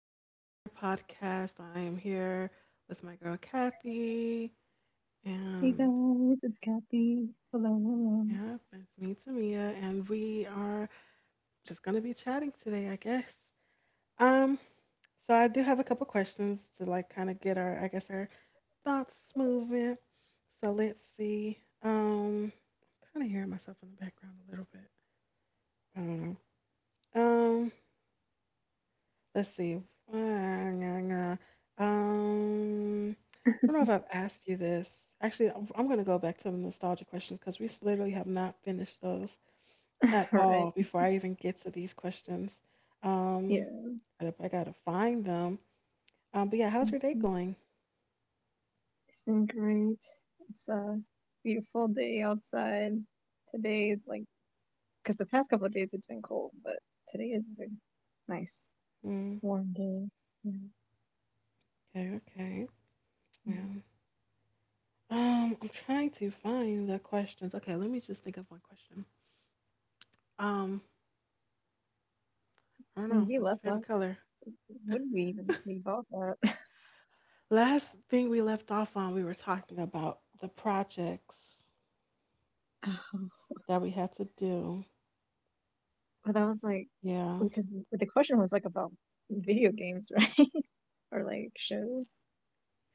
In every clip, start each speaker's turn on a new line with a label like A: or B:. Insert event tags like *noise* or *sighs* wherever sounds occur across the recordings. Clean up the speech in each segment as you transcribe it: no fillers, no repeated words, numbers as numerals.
A: back to another podcast. I am here with my girl Kathy,
B: Hey
A: and
B: guys, it's Kathy. Hello, hello.
A: yeah, it's me, Tamia, and we are just gonna be chatting today, I guess. Um, so I do have a couple questions to like kind of get our, I guess, our thoughts moving. So let's see. Um, Kind of hearing myself in the background a little bit. I don't know. Let's see. Um, I don't know if I've asked you this. Actually, I'm gonna go back to the nostalgia questions because literally have not finished those
B: *laughs*
A: at
B: All right,
A: all before I even get to these questions.
B: yeah,
A: Um, I gotta find them. But yeah, how's your day going?
B: it's been great. It's a beautiful day outside. Today it's like, because the past couple of days it's been cold, but today is a nice,
A: Mm,
B: warm day. Yeah.
A: okay, okay.
B: I
A: Yeah. I'm trying to find the questions. Okay, let me just think of one question. Um, I don't
B: mean,
A: know.
B: we
A: What's your
B: left off.
A: favorite color?
B: What did we even
A: *laughs*
B: leave off at?
A: Last thing we left off on, we were talking about the projects
B: *laughs* Oh,
A: that we had to do.
B: but that was like,
A: Yeah,
B: because the question was like about video games, right? *laughs* Or like shows.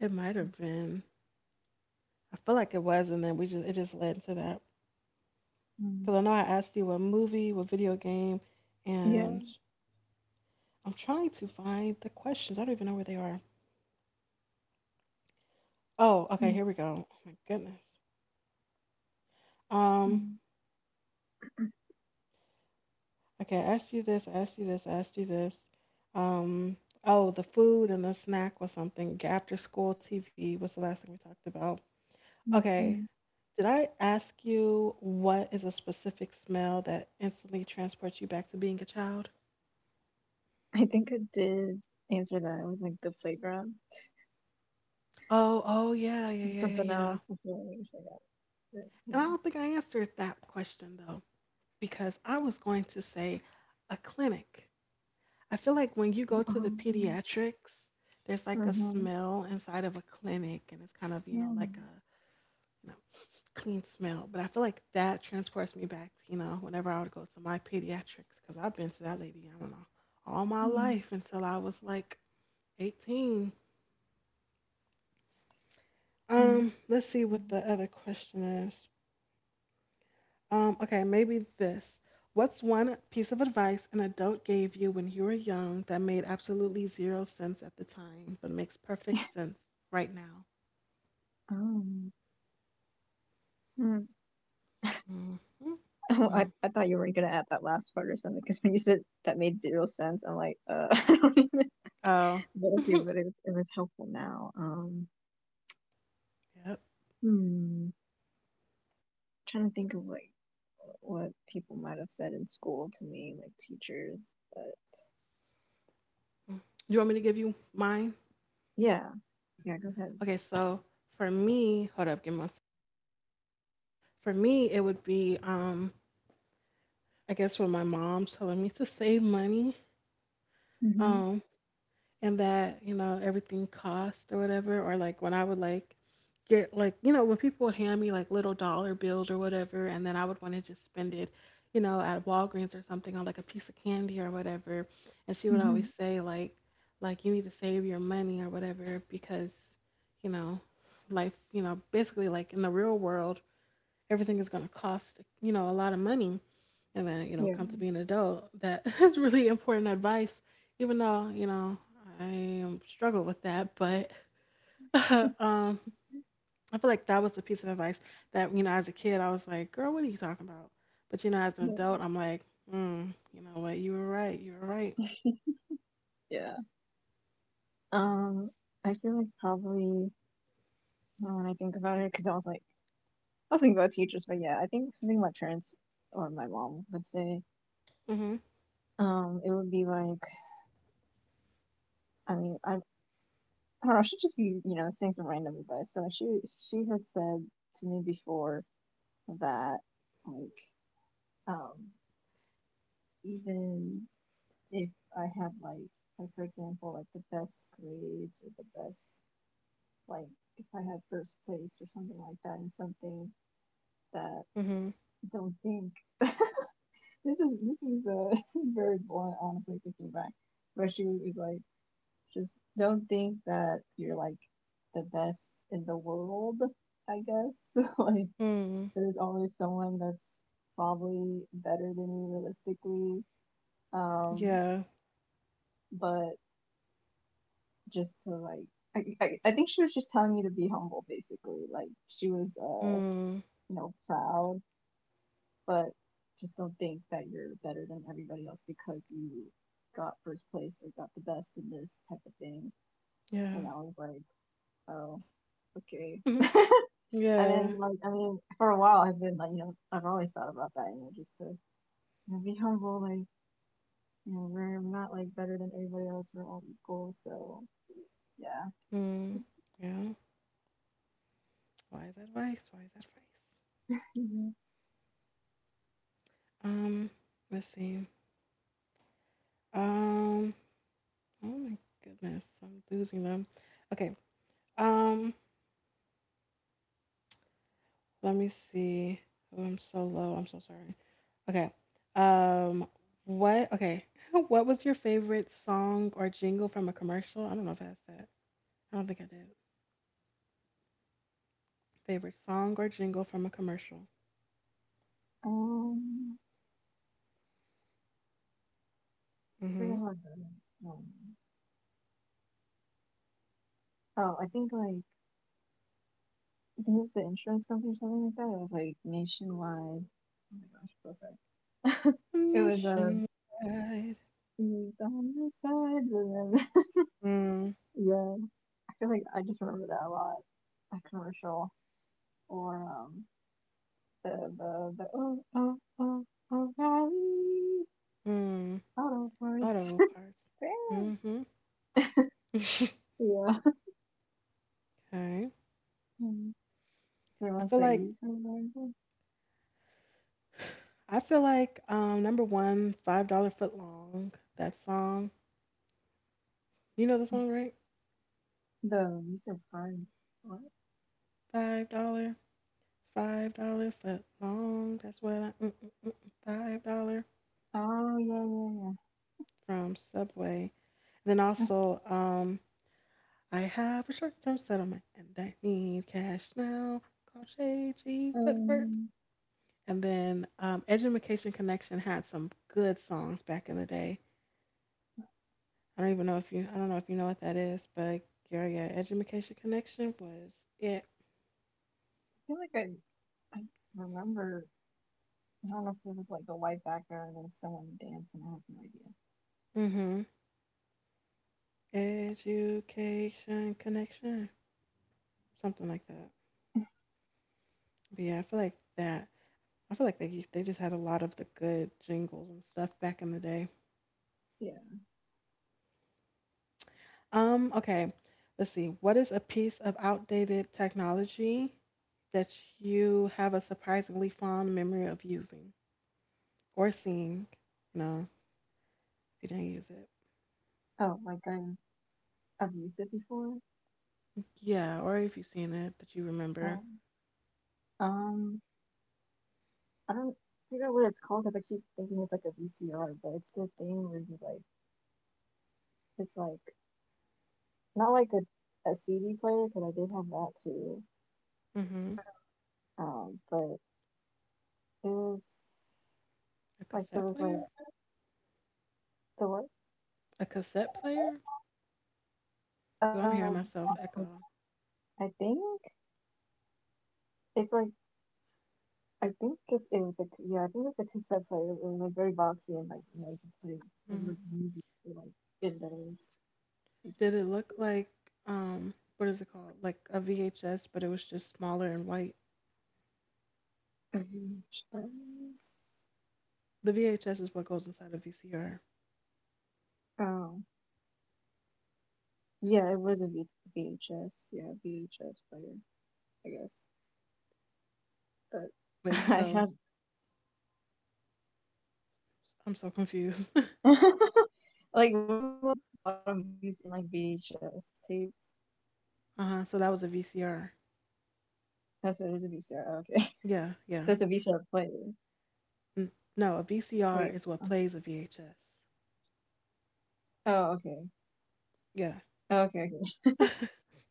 A: it might have been. I feel like it was, and then we just it just led to that.
B: Um,
A: Because I know I asked you what movie, what video game,
B: yeah.
A: and I'm trying to find the questions. I don't even know where they are. Oh, okay,
B: Mm,
A: here we go. Oh my goodness. Um,
B: mm,
A: okay, I asked you this, I asked you this, I asked you this. Um, oh, the food and the snack was something. After school TV was the last thing we talked about. Okay,
B: mm,
A: did I ask you what is a specific smell that instantly transports you back to being a child?
B: I think I did answer that. It was like the playground.
A: Oh, oh yeah, yeah,
B: And
A: yeah, yeah,
B: something
A: yeah.
B: else. I feel like I wish got it.
A: And
B: Yeah.
A: I don't think I answered that question though, because I was going to say a clinic. I feel like when you go to the
B: Um,
A: pediatrics, there's like a
B: uh-huh.
A: smell inside of a clinic, and it's kind of, you know,
B: Yeah.
A: like a you know, clean smell. But I feel like that transports me back, you know, whenever I would go to my pediatrics, because I've been to that lady, I don't know, all my
B: Yeah.
A: life until I was like 18.
B: Yeah.
A: Let's see what the other question is. Okay, maybe this. What's one piece of advice an adult gave you when you were young that made absolutely zero sense at the time, but makes perfect sense right now?
B: Oh. Mm.
A: Hmm.
B: Oh, I,
A: Hmm.
B: I thought you weren't gonna add that last part or something because when you said that made zero sense, I'm like, *laughs* I don't even. *laughs*
A: Oh,
B: But
A: *laughs*
B: okay, but it was helpful now.
A: yep.
B: Hmm. Trying to think of like what people might have said in school to me, like teachers. But
A: You want me to give you mine?
B: yeah, yeah. Go ahead.
A: Okay, so for me, hold up, give me one sec. For me, it would be, I guess, when my mom's telling me to save money.
B: Mm-hmm.
A: Um, and that you know everything cost or whatever or like when I would like get like you know when people would hand me like little dollar bills or whatever and then I would want to just spend it you know at Walgreens or something on like a piece of candy or whatever and she would
B: Mm-hmm.
A: always say like you need to save your money or whatever because you know life you know basically like in the real world everything is going to cost you know a lot of money and then you know
B: Yeah.
A: come to being an adult that *laughs* is really important advice even though you know I struggle with that but *laughs* um I feel like that was the piece of advice that you know as a kid I was like girl what are you talking about but you know as an
B: Yeah.
A: adult I'm like mm, you know what you were right you were right.
B: Yeah. Um, I feel like probably now when I think about it, because I was like, I was thinking about teachers, but yeah, I think something my parents or my mom would say,
A: Mhm.
B: it would be like, I mean, I don't know, I should just be, you know, saying some random advice. So she had said to me before that, like, um, even if I had like for example, like the best grades or the best, like, if I had first place or something like that in something that
A: Hmm.
B: don't think *laughs* this this is *laughs* this is very blunt, honestly, thinking back. But she was like, just don't think that you're like the best in the world. I guess *laughs* like
A: Hmm.
B: there's always someone that's probably better than you realistically. Um,
A: Yeah.
B: but just to like I think she was just telling me to be humble, basically. Like she was uh,
A: Mm.
B: you know, proud, but just don't think that you're better than everybody else because you got first place or got the best in this type of thing.
A: Yeah.
B: And I was like, oh, okay.
A: Mhm.
B: And
A: Yeah.
B: then, like, I mean, for a while, I've been like, you know, I've always thought about that, you know, just to you know, be humble. Like, you know, we're not like better than everybody else. We're all equal. So, yeah.
A: Mm. Yeah. Wise advice, wise advice.
B: Mm-hmm.
A: um let's see. um Oh my goodness, I'm losing them. Okay. Um, let me see. Oh, I'm so low. I'm so sorry. Okay. Um, what? Okay. *laughs* What was your favorite song or jingle from a commercial? I don't know if I asked that. I don't think I did. Favorite song or jingle from a commercial?
B: Um, I
A: Mm-hmm.
B: forget how it goes. Oh, I think like I think it was the insurance company or something like that. It was like Nationwide. Oh my gosh, I'm so sorry. *laughs* It was
A: Nationwide.
B: he's on my side, and then *laughs*
A: Mm.
B: yeah, I feel like I just remember that a lot. That commercial or the the oh oh oh O'Reilly
A: Mm.
B: Auto Parts.
A: Auto parts.
B: *laughs* Damn.
A: Mm-hmm.
B: Yeah.
A: *laughs* okay.
B: Um, is there
A: I
B: ones
A: feel
B: that
A: like
B: you kind of remember?
A: I feel like number one, $5 foot long. That song, you know the
B: Oh,
A: song, right?
B: the you said fun. What?
A: $5, $5 foot long. That's what I mm, mm, mm, mm, $5
B: Oh yeah,
A: from Subway. Then
B: yeah, yeah.
A: also, I have a short term settlement and I need cash now. Call
B: *laughs*
A: JG Footwork.
B: I
A: And then Edumacation Connection had some good songs back in the day. I don't even know if I don't know if you know what that is, but yeah, yeah, Edumacation Connection was it.
B: feel like I remember. I don't know if it was like a white background and someone dancing. I have no idea.
A: Mm-hmm. Education connection, something like that. But yeah, I feel like that. I feel like they just had a lot of the good jingles and stuff back in the day.
B: Yeah.
A: Okay, let's see. What is a piece of outdated technology that you have a surprisingly fond memory of using or seeing? You know, if you didn't use it.
B: Oh, like I've used it before.
A: Yeah, or if you've seen it that you remember.
B: Um, um, I don't figure out what it's called because I keep thinking it's like a VCR, but it's the thing where you like it's like not like a CD player because I did have that too.
A: Mm-hmm.
B: But it was
A: A
B: like there
A: cassette
B: was like
A: player?
B: the what?
A: A cassette player? Oh, I'm hearing
B: Um,
A: myself
B: uh,
A: echo.
B: I think it's like I think it was like yeah, I think it's a cassette player. It was like very boxy and like you know you can play it was, like music for like in those.
A: Did it look like what is it called? Like a VHS, but it was just smaller and white.
B: Like VHS.
A: The VHS is what goes inside a VCR.
B: Oh yeah, it was a VHS. Yeah, VHS player. I guess, but
A: Wait,
B: *laughs* I
A: so
B: have
A: I'm so confused. *laughs*
B: *laughs* like we're like a lot of movies in like VHS tapes.
A: uh-huh. So that was a VCR.
B: That's what it is, a VCR. Oh, okay, *laughs*
A: Yeah,
B: so
A: yeah.
B: it's a VCR player.
A: No, a VCR
B: Wait.
A: is what plays a VHS.
B: Oh okay.
A: Yeah.
B: Oh, okay. Okay. *laughs*
A: *laughs*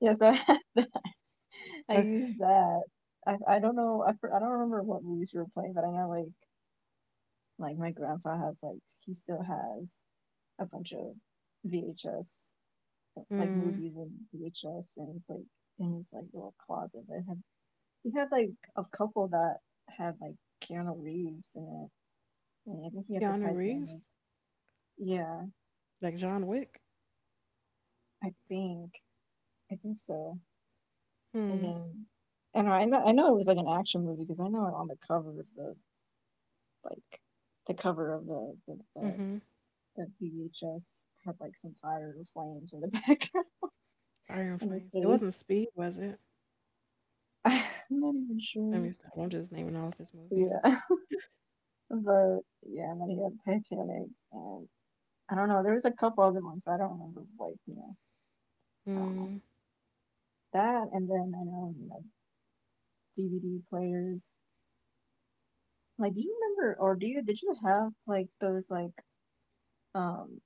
B: Yeah. So. *laughs* I
A: okay.
B: used that. I don't know. I don't remember what movies we were playing, but I know like my grandpa has like he still has a bunch of VHS like
A: Hmm.
B: movies and VHS, and it's like in his like little closet. But it had, he had like a couple that had like Keanu Reeves in it, and I think he had the
A: Keanu Reeves,
B: Titanic. Yeah,
A: like John Wick.
B: I think I think so. And
A: Hmm.
B: then. And I know it was like an action movie because I know on the cover of the like the cover of the the, the,
A: Mhm.
B: the VHS had like some fire or flames in the *laughs* background
A: Fire and
B: in his
A: Flames. It wasn't
B: face.
A: Speed, was it?
B: *laughs* I'm not even sure.
A: Let me stop. I'm just naming all of his movies.
B: Yeah, *laughs* but yeah, and then he had Titanic, and I don't know. There was a couple other ones, but I don't remember. Like you know, I don't know
A: Hmm.
B: that. And then I know you know DVD players. Like, do you remember, or do you did you have like those like um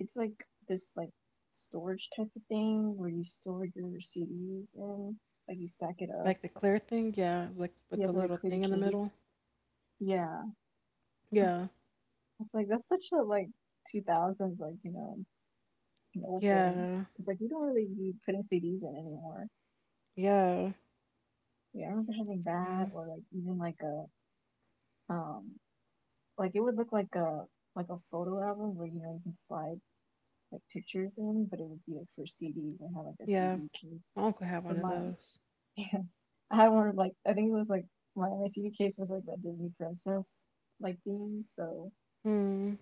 B: it's like this like storage type of thing where you store your CDs in, like you stack it up.
A: Like the clear thing, yeah. Like
B: You
A: with
B: have
A: the
B: like a
A: little
B: clear
A: thing in the middle.
B: case. Yeah,
A: Yeah.
B: it's like that's such a like 2000s like you know an old thing.
A: Yeah.
B: It's like we don't really be putting CDs in anymore.
A: Yeah.
B: Yeah, I remember having that
A: Yeah.
B: or like even like a um like it would look like a photo album where you know you can slide like pictures in, but it would be like for CDs. I had like a
A: Yeah.
B: CD case
A: My uncle had
B: for
A: one of
B: mine.
A: those.
B: Yeah. I had one of like I think it was like my CD case was like a Disney princess like theme, so
A: Hmm.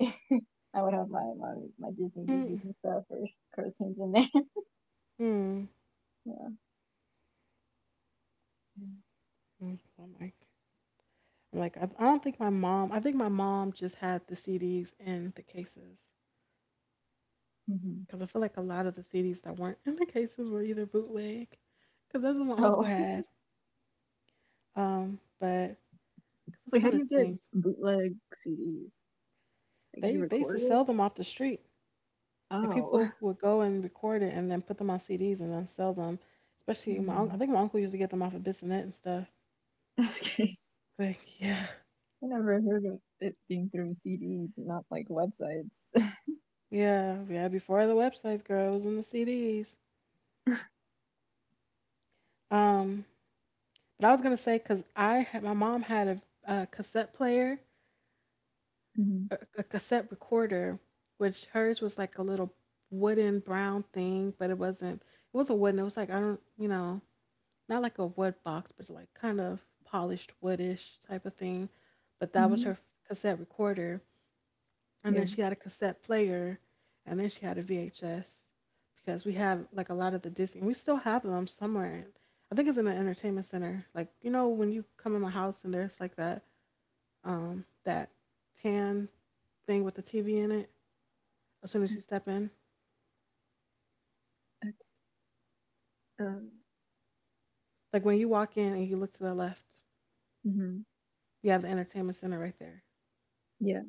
B: *laughs* I would have my Disney
A: Hmm.
B: movies and stuff or *laughs* cartoons in there. *laughs*
A: Hmm.
B: Yeah.
A: Hmm. I'm like, I'm like, I don't think my mom. I think my mom just had the CDs and the cases.
B: Hmm.
A: Cause I feel like a lot of the CDs that weren't in the cases were either bootleg. Cause that's what my uncle
B: Oh,
A: had. But cause
B: *laughs*
A: I'm
B: wait,
A: trying
B: how do
A: to
B: you get
A: think.
B: bootleg CDs? Like you
A: They used to
B: record it?
A: sell them off the street. Like
B: Oh,
A: people who would go and record it and then put them on CDs and then sell them. Especially I
B: hmm.
A: think my uncle used to get them off of Bissonnette and stuff.
B: *laughs* That's crazy.
A: But yeah,
B: I never heard of it being through CDs, not like websites.
A: yeah, yeah. Before the websites, girl, it was in the CDs. Um, but I was gonna say because I had my mom had a cassette player,
B: *laughs* Hmm.
A: a cassette recorder, which hers was like a little wooden brown thing, but it wasn't. It wasn't wooden. It was like I don't, you know, not like a wood box, but like kind of polished woodish type of thing. But that was
B: Hmm.
A: her cassette recorder, and then
B: Yeah.
A: she had a cassette player, and then she had a VHS because we had like a lot of the Disney. We still have them somewhere. I think it's in the entertainment center. Like you know when you come in my house and there's like that that tan thing with the TV in it. As soon as you step in,
B: That's, uh,
A: like when you walk in and you look to the left,
B: hmm.
A: you have the entertainment center right there.
B: Yeah.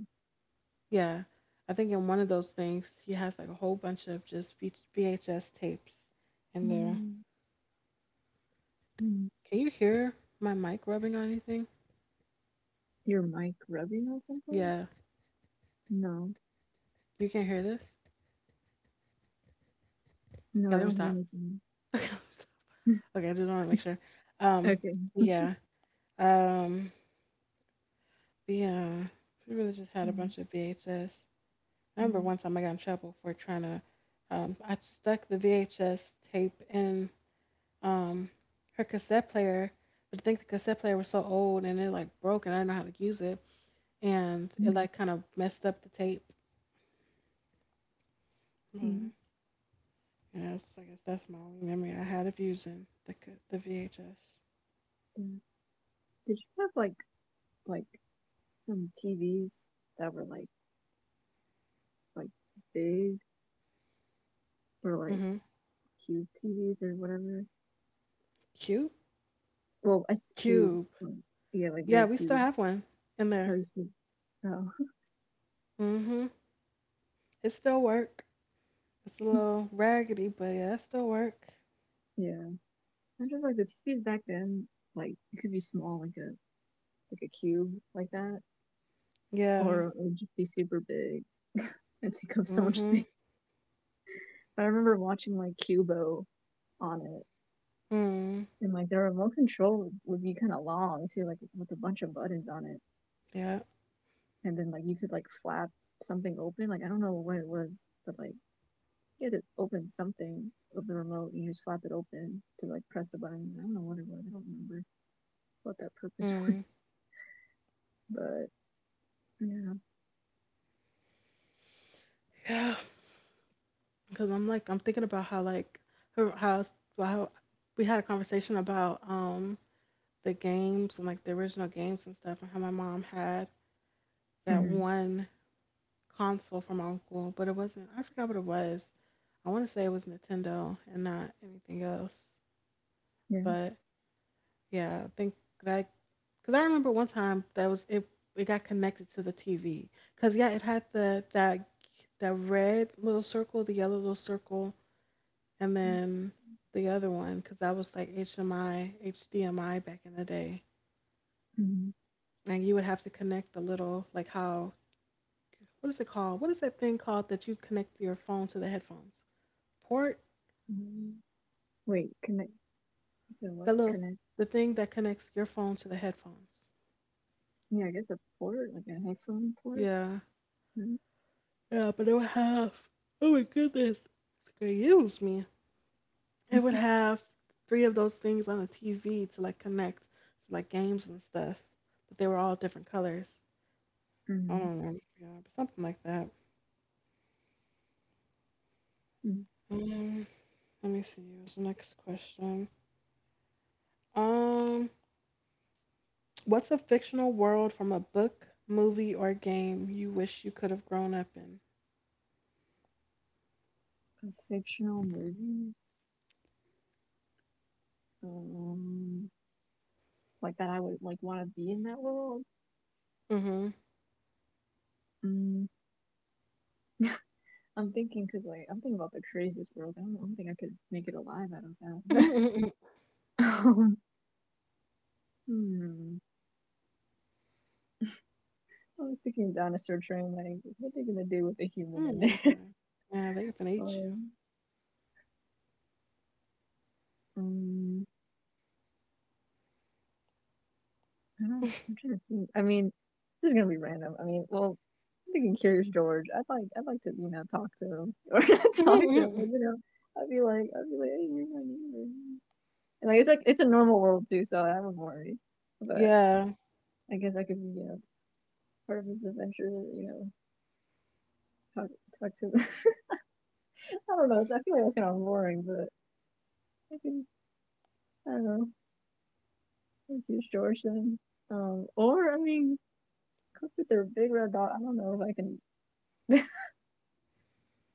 A: Yeah, I think in one of those things he has like a whole bunch of just VHS tapes in there.
B: Mm. Mhm.
A: Can you hear my mic rubbing on anything?
B: Your mic rubbing on something?
A: Yeah.
B: No.
A: You can't hear this?
B: No,
A: Okay,
B: I
A: let me
B: don't hear
A: stop. *laughs*
B: anything.
A: Okay, let me stop.
B: *laughs*
A: Okay, I just want to make sure. Um,
B: Okay.
A: yeah. Um, yeah. We really just had a
B: Mm,
A: bunch of VHS. I remember
B: yeah,
A: one time I got in trouble for trying to. I stuck the VHS tape in um her cassette player, but I think the cassette player was so old and it like broke and I didn't know how to use it, and it
B: mm,
A: like kind of messed up the tape. But
B: mm,
A: yeah, it's, I guess that's my only memory I had of using the VHS.
B: yeah. Did you have like some TVs that were like big or like
A: Mhm.
B: cube TVs or whatever?
A: Cube.
B: Well, cube.
A: Cube.
B: Like, yeah, like
A: Yeah,
B: very
A: we still
B: cube.
A: have one in
B: I
A: there.
B: used to. Oh,
A: Hmm. It still work. It's a little raggedy, but yeah, it still work.
B: *laughs* yeah. I just like the TVs back then. Like it could be small, like a cube, like that,
A: Yeah.
B: or it would just be super big *laughs* and take up so much
A: Hmm.
B: space. I remember watching like Cubo on it,
A: Mm.
B: and like the remote control would be kind of long too, like with a bunch of buttons on it,
A: Yeah.
B: and then like you could like flap something open. Like I don't know what it was, but like you had to open something of the remote. And you just flap it open to like press the button. I don't know what it was. I don't remember what that purpose *laughs* was,
A: Mm.
B: but yeah,
A: Yeah. Because I'm thinking about how like her how s- how we had a conversation about the games and like the original games and stuff and how my mom had that
B: hmm
A: one console from my uncle, but it wasn't. I forgot what it was. I want to say it was Nintendo and not anything else.
B: yeah.
A: But yeah, I think that because I remember one time that was it. It got connected to the TV. Because yeah, it had the that that red little circle, the yellow little circle, and then the other one. Because that was like HMI, HDMI back in the day.
B: Hmm.
A: And you would have to connect the little like how what is it called? What is that thing called that you connect your phone to the headphones? Port?
B: Wait, connect. So what
A: The little
B: connect?
A: the thing that connects your phone to the headphones.
B: Yeah, I guess a port, like a headphone port.
A: Yeah.
B: Mm-hmm.
A: Yeah, but it would have. Oh my goodness. Excuse me.
B: *laughs*
A: It would
B: Mm-hmm.
A: have three of those things on the TV to like connect to like games and stuff, but they were all different colors. I
B: Mm-hmm.
A: don't remember, yeah, but something like that. Um, Let me see. What's the next question? Um, what's a fictional world from a book, movie, or game you wish you could have grown up
B: A fictional movie, um, like that I would like want to be in that world.
A: in? Mm-hmm.
B: Mm, *laughs* I'm thinking because like I'm thinking about the craziest world. I don't think I could make it alive out of that.
A: *laughs*
B: *laughs* Um, hmm. I was thinking dinosaur train. Like, what are they gonna do with a human
A: Oh
B: in
A: my
B: there?
A: god. Yeah, they even
B: *laughs*
A: eat you.
B: Um, um, I don't. I'm trying to think. I mean, this is gonna be random. I mean, well, I'm thinking Curious George. I'd like to, you know, talk to him *laughs* or not talk to him, but
A: *laughs*
B: you know, I'd be like, hey, you're my neighbor. Like it's like it's a normal world too, so I wouldn't worry. But
A: Yeah.
B: I guess I could be you know part of his adventure. You know, talk talk to him. *laughs* I don't know. I feel like that's kind of boring, but I could I don't know. Confuse George then. Or I mean, cook with their big red dog. I don't know if I can. *laughs*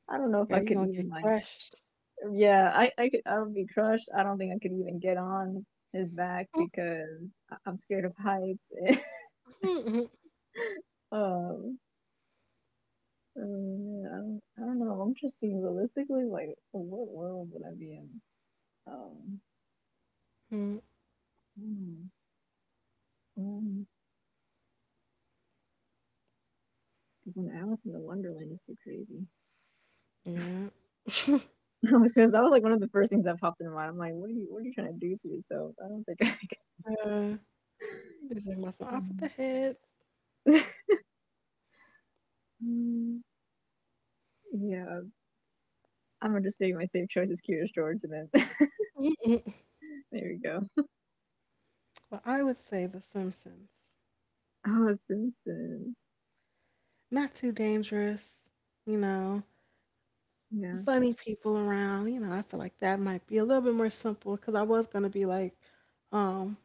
B: I don't know if
A: Girl,
B: I
A: you
B: could
A: gonna
B: even
A: get
B: like.
A: crushed.
B: Yeah, I could. I would be crushed. I don't think I could even get on his back because I'm scared of heights. *laughs* Um, um, I don't know. I'm just thinking realistically, like, what world would I be in? Um, I don't know. Um, because when Alice in the Wonderland is too crazy. *laughs*
A: *laughs* Yeah. *laughs*
B: Because that was like one of the first things that popped in my mind. I'm like, what are you trying to do to yourself? I don't think I. Could. *laughs*
A: Uh, is there muscle off of the
B: Um,
A: head?
B: *laughs* mm, yeah, I'm gonna just say my safe choice is Curious George, and then *laughs*
A: Mm-mm.
B: there we go.
A: Well, I would say The Simpsons.
B: Oh, Simpsons.
A: Not too dangerous, you know,
B: Yeah.
A: funny people around. You know, I feel like that might be a little bit more simple because I was going to be like, um,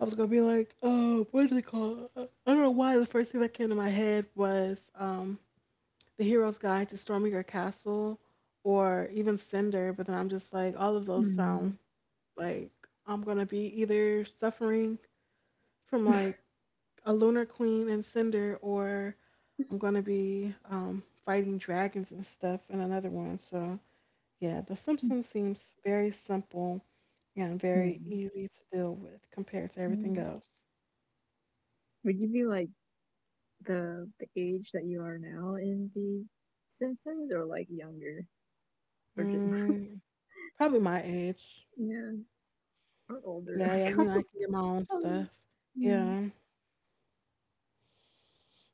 A: I was going to be like, oh, what is it called? I don't know why the first thing that came to my head was The Hero's Guide to Storming Your Castle or even Cinder, but then I'm just like, all of those sound
B: Mm.
A: like I'm going to be either suffering
B: *laughs*
A: from
B: Yeah.
A: like a Lunar Queen and Cinder, or I'm gonna be fighting dragons and stuff in another one. So yeah, The Simpsons seems very simple and
B: Yeah.
A: very easy to deal with compared to everything else.
B: Would you be like the age that you are now in the Simpsons, or like younger, or just *laughs*
A: Mm, probably my age.
B: yeah, or older?
A: Yeah, yeah, you know, I
B: *laughs*
A: can get my own stuff.
B: Yeah.
A: Yeah,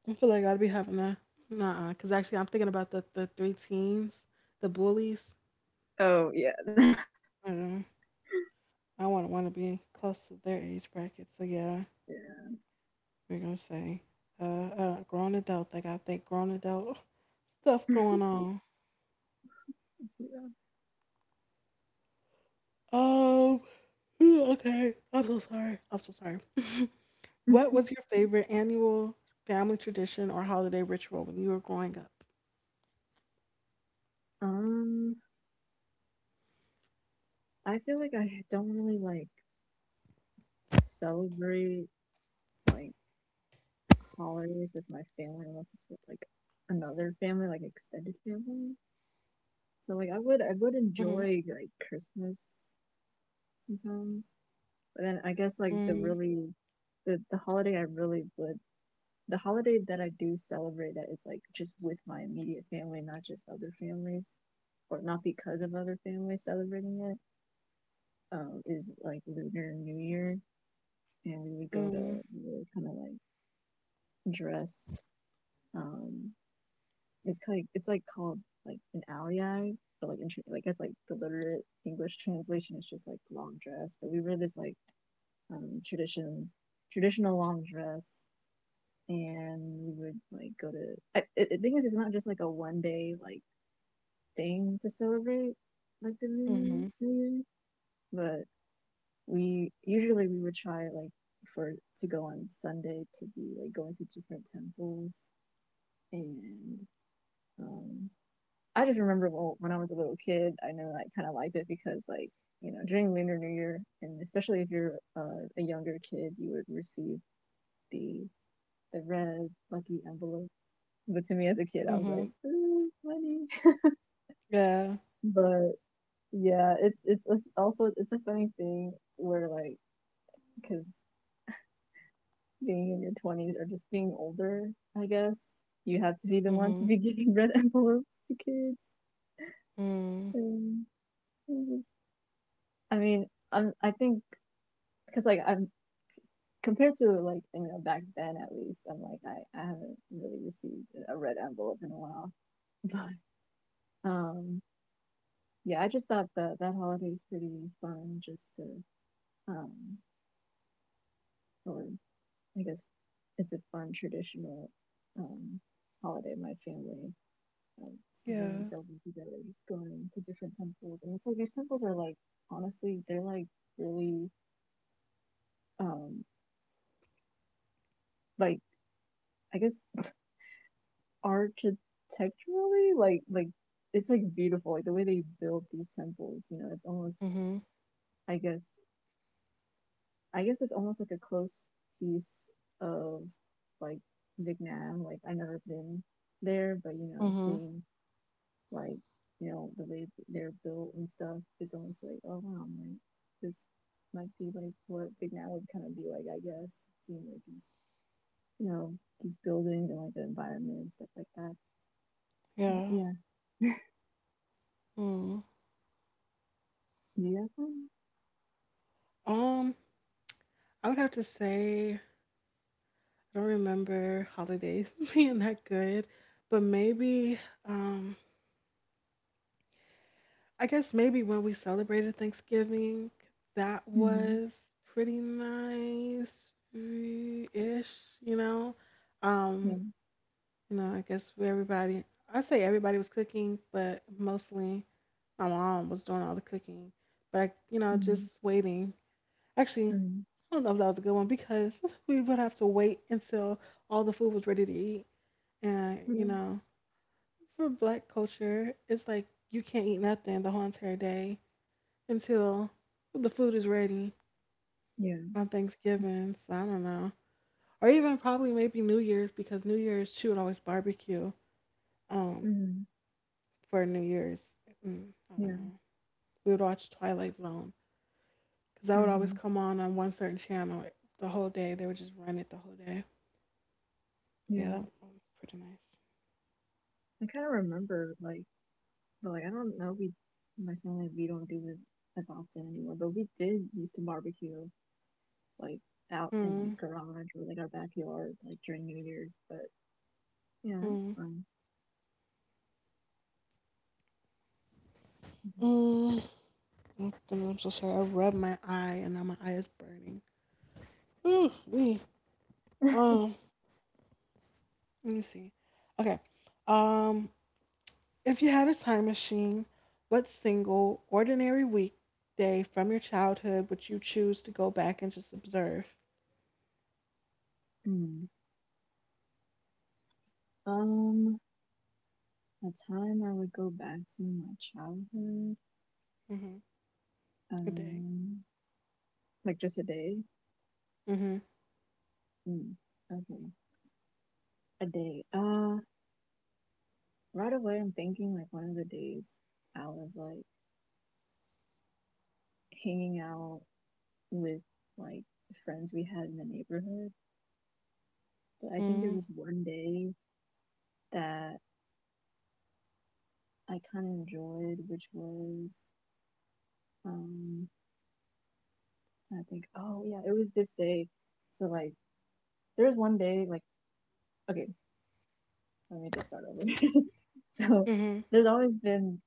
A: I feel like I'd be having a nah, cause actually I'm thinking about the three teens, the bullies.
B: Oh yeah, *laughs*
A: Uh, I want to be close to their age bracket. So yeah,
B: yeah.
A: we're gonna say grown adult. They gotta think grown adult stuff going on.
B: *laughs* yeah.
A: Um. Ooh, okay. I'm so sorry. I'm so sorry. *laughs* What was your favorite annual family tradition or holiday ritual when you were growing up?
B: *laughs* um, I feel like I don't really like celebrate like holidays with my family unless it's with like another family, like extended family. So like I would I
A: Mhm.
B: would enjoy like Christmas sometimes. But then I guess like the
A: Mhm.
B: really the holiday I really would the holiday that I do celebrate that it's like just with my immediate family, not just other families, or not because of other families celebrating it, is like Lunar New Year, and we would go to
A: Mhm.
B: really kind of like dress. Um, it's kind of, it's like called like an aoyai, but like in, like I like the literate English translation is just like long dress. But we were this like um tradition traditional long dress and we would like go to. The thing is, it's not just like a one day like thing to celebrate like the new
A: Mhm.
B: year, but we usually we would try like for to go on Sunday to be like going to different temples and um I just remember, well, when I was a little kid, I know I kind of liked it because like you know during Lunar New Year and especially if you're a younger kid, you would receive the the red lucky envelope. But to me as a kid, I was
A: Mhm.
B: like, "Ooh, funny.
A: Yeah.
B: But yeah, it's also it's a funny thing where like because being in your twenties or just being older, I guess you have to be the one to
A: Mhm.
B: be *laughs* giving red envelopes to kids.
A: Mhm.
B: And it I mean, I'm I think because like I'm compared to like you know back then at least I'm like I haven't really received a red envelope in a while, *laughs* but um yeah, I just thought that that holiday is pretty fun just to, um, or I guess it's a fun traditional um, holiday in my family. So when we
A: Yeah.
B: celebrate together, just going to different temples. And it's like these temples are like, honestly, they're like really, um, like, I guess architecturally, like, like, it's like beautiful, like the way they build these temples, you know, it's almost,
A: Mhm.
B: I guess, I guess it's almost like a close piece of like Vietnam. Like I've never been there, but you know,
A: Mhm.
B: seeing like you know the way they're built and stuff, it's almost like oh wow, like this might be like what Vietnam would kind of be like. I guess seeing like these you know these buildings and like the environment and stuff like that. But
A: Yeah.
B: yeah,
A: Mhm.
B: do you have one?
A: Um. I would have to say I don't remember holidays *laughs* being that good, but maybe, um, I guess maybe when we celebrated Thanksgiving, that
B: Hmm.
A: was pretty nice ish, you know?
B: Yeah.
A: Um, you know, I guess we everybody, I say everybody was cooking, but mostly my mom was doing all the cooking. But, I, you know,
B: Hmm.
A: just waiting. Actually,
B: Hmm.
A: I don't know if that was a good one because *laughs* we would have to wait until all the food was ready to eat. And, you
B: Yeah.
A: know, for black culture, it's like you can't eat nothing the whole entire day until the food is ready
B: Yeah.
A: on Thanksgiving. So I don't know. Or even probably maybe New Year's because New Year's she would always barbecue um
B: Hmm.
A: for New Year's. Mm, I don't
B: Yeah.
A: know. We would watch Twilight Zone because that would always
B: Hmm.
A: come on one certain channel the whole day. They would just run it the whole day. Yeah, that
B: Yeah.
A: one was pretty nice.
B: I kind of remember like, but like I don't know, we my family we don't do it as often anymore. But we did used to barbecue like out in
A: Mm,
B: like garage or like our backyard like during New Year's. But yeah, that was
A: mm,
B: fun. Okay.
A: mm. I'm so sorry. I rubbed my eye and now my eye is burning. Ooh, wee. Um, let me see. Okay. Um, if you had a time machine, what single ordinary weekday from your childhood would you choose to go back and just observe?
B: Mm. Um, a time I would go back to my childhood.
A: Mm-hmm. A day.
B: Um, like just a day.
A: Mm-hmm.
B: Mm. Okay, a day. Right away I'm thinking like one of the days I was like hanging out with like friends we had in the neighborhood. But I think there
A: Mm-hmm.
B: was one day that I kind of enjoyed, which was um I think oh yeah, it was this day. So like there was one day like okay, let me just start over. *laughs* So
A: Mm-hmm.
B: there's always been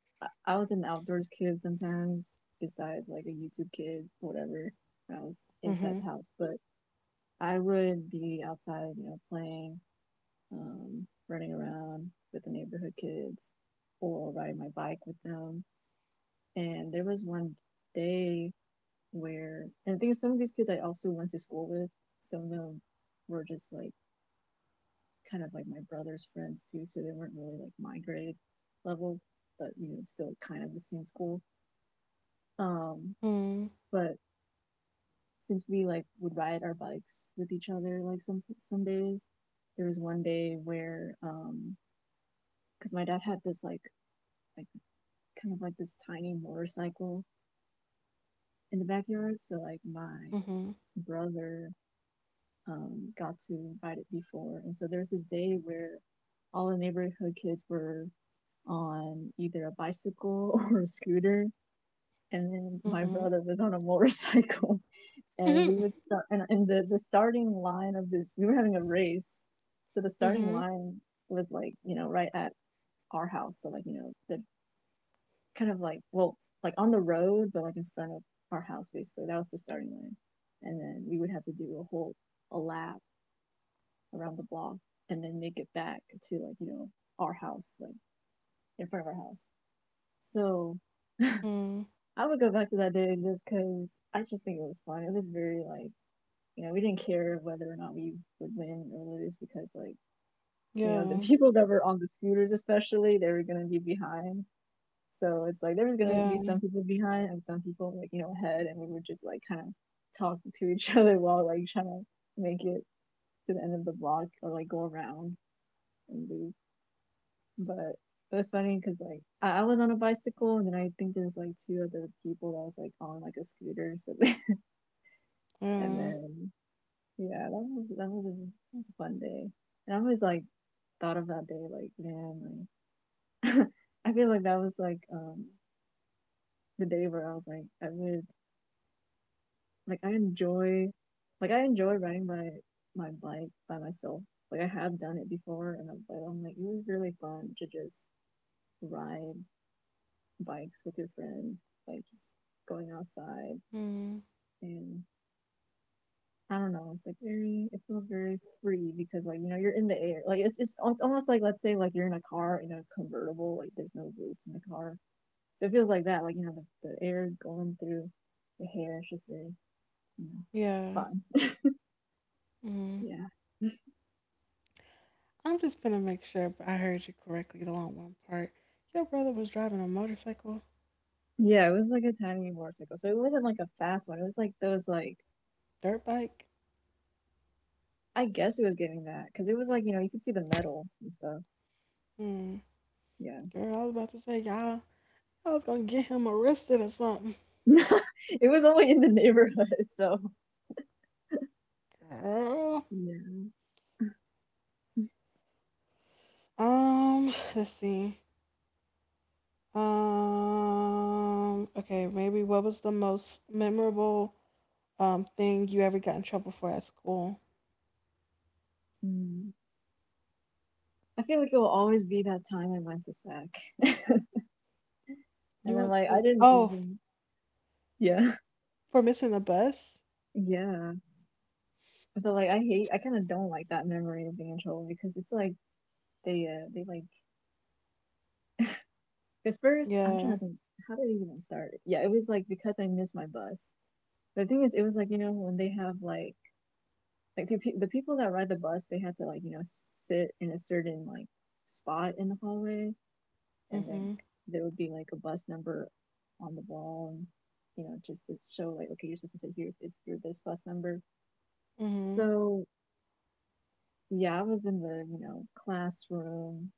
B: was an outdoors kid sometimes, besides like a YouTube kid, whatever. I was inside
A: Mm-hmm.
B: the house, but I would be outside, you know, playing, running around with the neighborhood kids, or riding my bike with them. And there was one day where, and I think some of these kids I also went to school with, some of them were just like kind of like my brother's friends too, so they weren't really like my grade level, but you know, still kind of the same school. Um, but since we like would ride our bikes with each other, like some days, there was one day where, because my dad had this like kind of like this tiny motorcycle in the backyard, so like my
A: Mm-hmm.
B: brother got to ride it before. And so there's this day where all the neighborhood kids were on either a bicycle *laughs* or a scooter, and then my
A: Mm-hmm. Mm-hmm.
B: brother was on a motorcycle. *laughs* And we
A: Mm-hmm.
B: would start, and, and the starting line of this, we were having a race. So the starting
A: Mm-hmm.
B: line was like, you know, right at our house. So, like, you know, the kind of like, well, like on the road, but like in front of our house, basically. That was the starting line. And then we would have to do a lap around the block and then make it back to like you know our house like in front of our house. So
A: Mm-hmm.
B: I would go back to that day just because I just think it was fun. It was very like, you know, we didn't care whether or not we would win or lose because like you know the *laughs*
A: Yeah.
B: people that were on the scooters especially they were going to be behind, so it's like there was going to be
A: Yeah.
B: some people behind and some people like you know ahead, and we would just like kind of talk to each *laughs* other while like trying to make it to the end of the block or like go around and lose. But it was funny because like I was on a bicycle and then I think there's like two other people that was like on like a scooter. So *laughs* they, and
A: Yeah.
B: then yeah, that was that was a fun day. And I always like thought of that day like man like *laughs* I feel like that was like the day where I was like I would like I enjoy like I enjoy riding my my bike by myself. Like I have done it before and I'm, but I'm like it was really fun to just ride bikes with your friend, like just going outside
A: Mm.
B: and I don't know. It's like very, it feels very free because like, you know, you're in the air. Like it's almost like, let's say like you're in a car in a convertible, like there's no roof in the car. So it feels like that, like, you know, the air going through the hair. It's just very, you know,
A: Yeah.
B: fun. *laughs*
A: Mm.
B: Yeah.
A: I'm just gonna make sure I heard you correctly though on one part. Your brother was driving a motorcycle,
B: Yeah. It was like a tiny motorcycle. So it wasn't like a fast one. It was like those, like,
A: dirt bike.
B: I guess it was getting that because it was like, you know, you could see the metal and stuff.
A: Hmm.
B: Yeah.
A: Girl, I was about to say y'all. I was gonna get him arrested or something.
B: *laughs* It was only in the neighborhood, so
A: Girl.
B: yeah.
A: Let's see. Okay. Maybe what was the most memorable thing you ever got in trouble for at school?
B: Mm. I feel like it will always be that time I went to SAC. *laughs* And I'm
A: You went
B: like, I
A: to
B: didn't
A: oh
B: even. Yeah.
A: for missing the bus.
B: Yeah. But like, I hate, I kind of don't like that memory of being in trouble because it's like, they like, because first, I'm trying
A: Yeah.
B: to think, how did it even start? Yeah, it was like because I missed my bus. But the thing is, it was like, you know, when they have like the people that ride the bus, they had to like, you know, sit in a certain like spot in the hallway and then
A: Mhm.
B: there would be like a bus number on the wall, and you know just to show like okay you're supposed to sit here if you're this bus number.
A: Mhm.
B: So yeah, I was in the you know classroom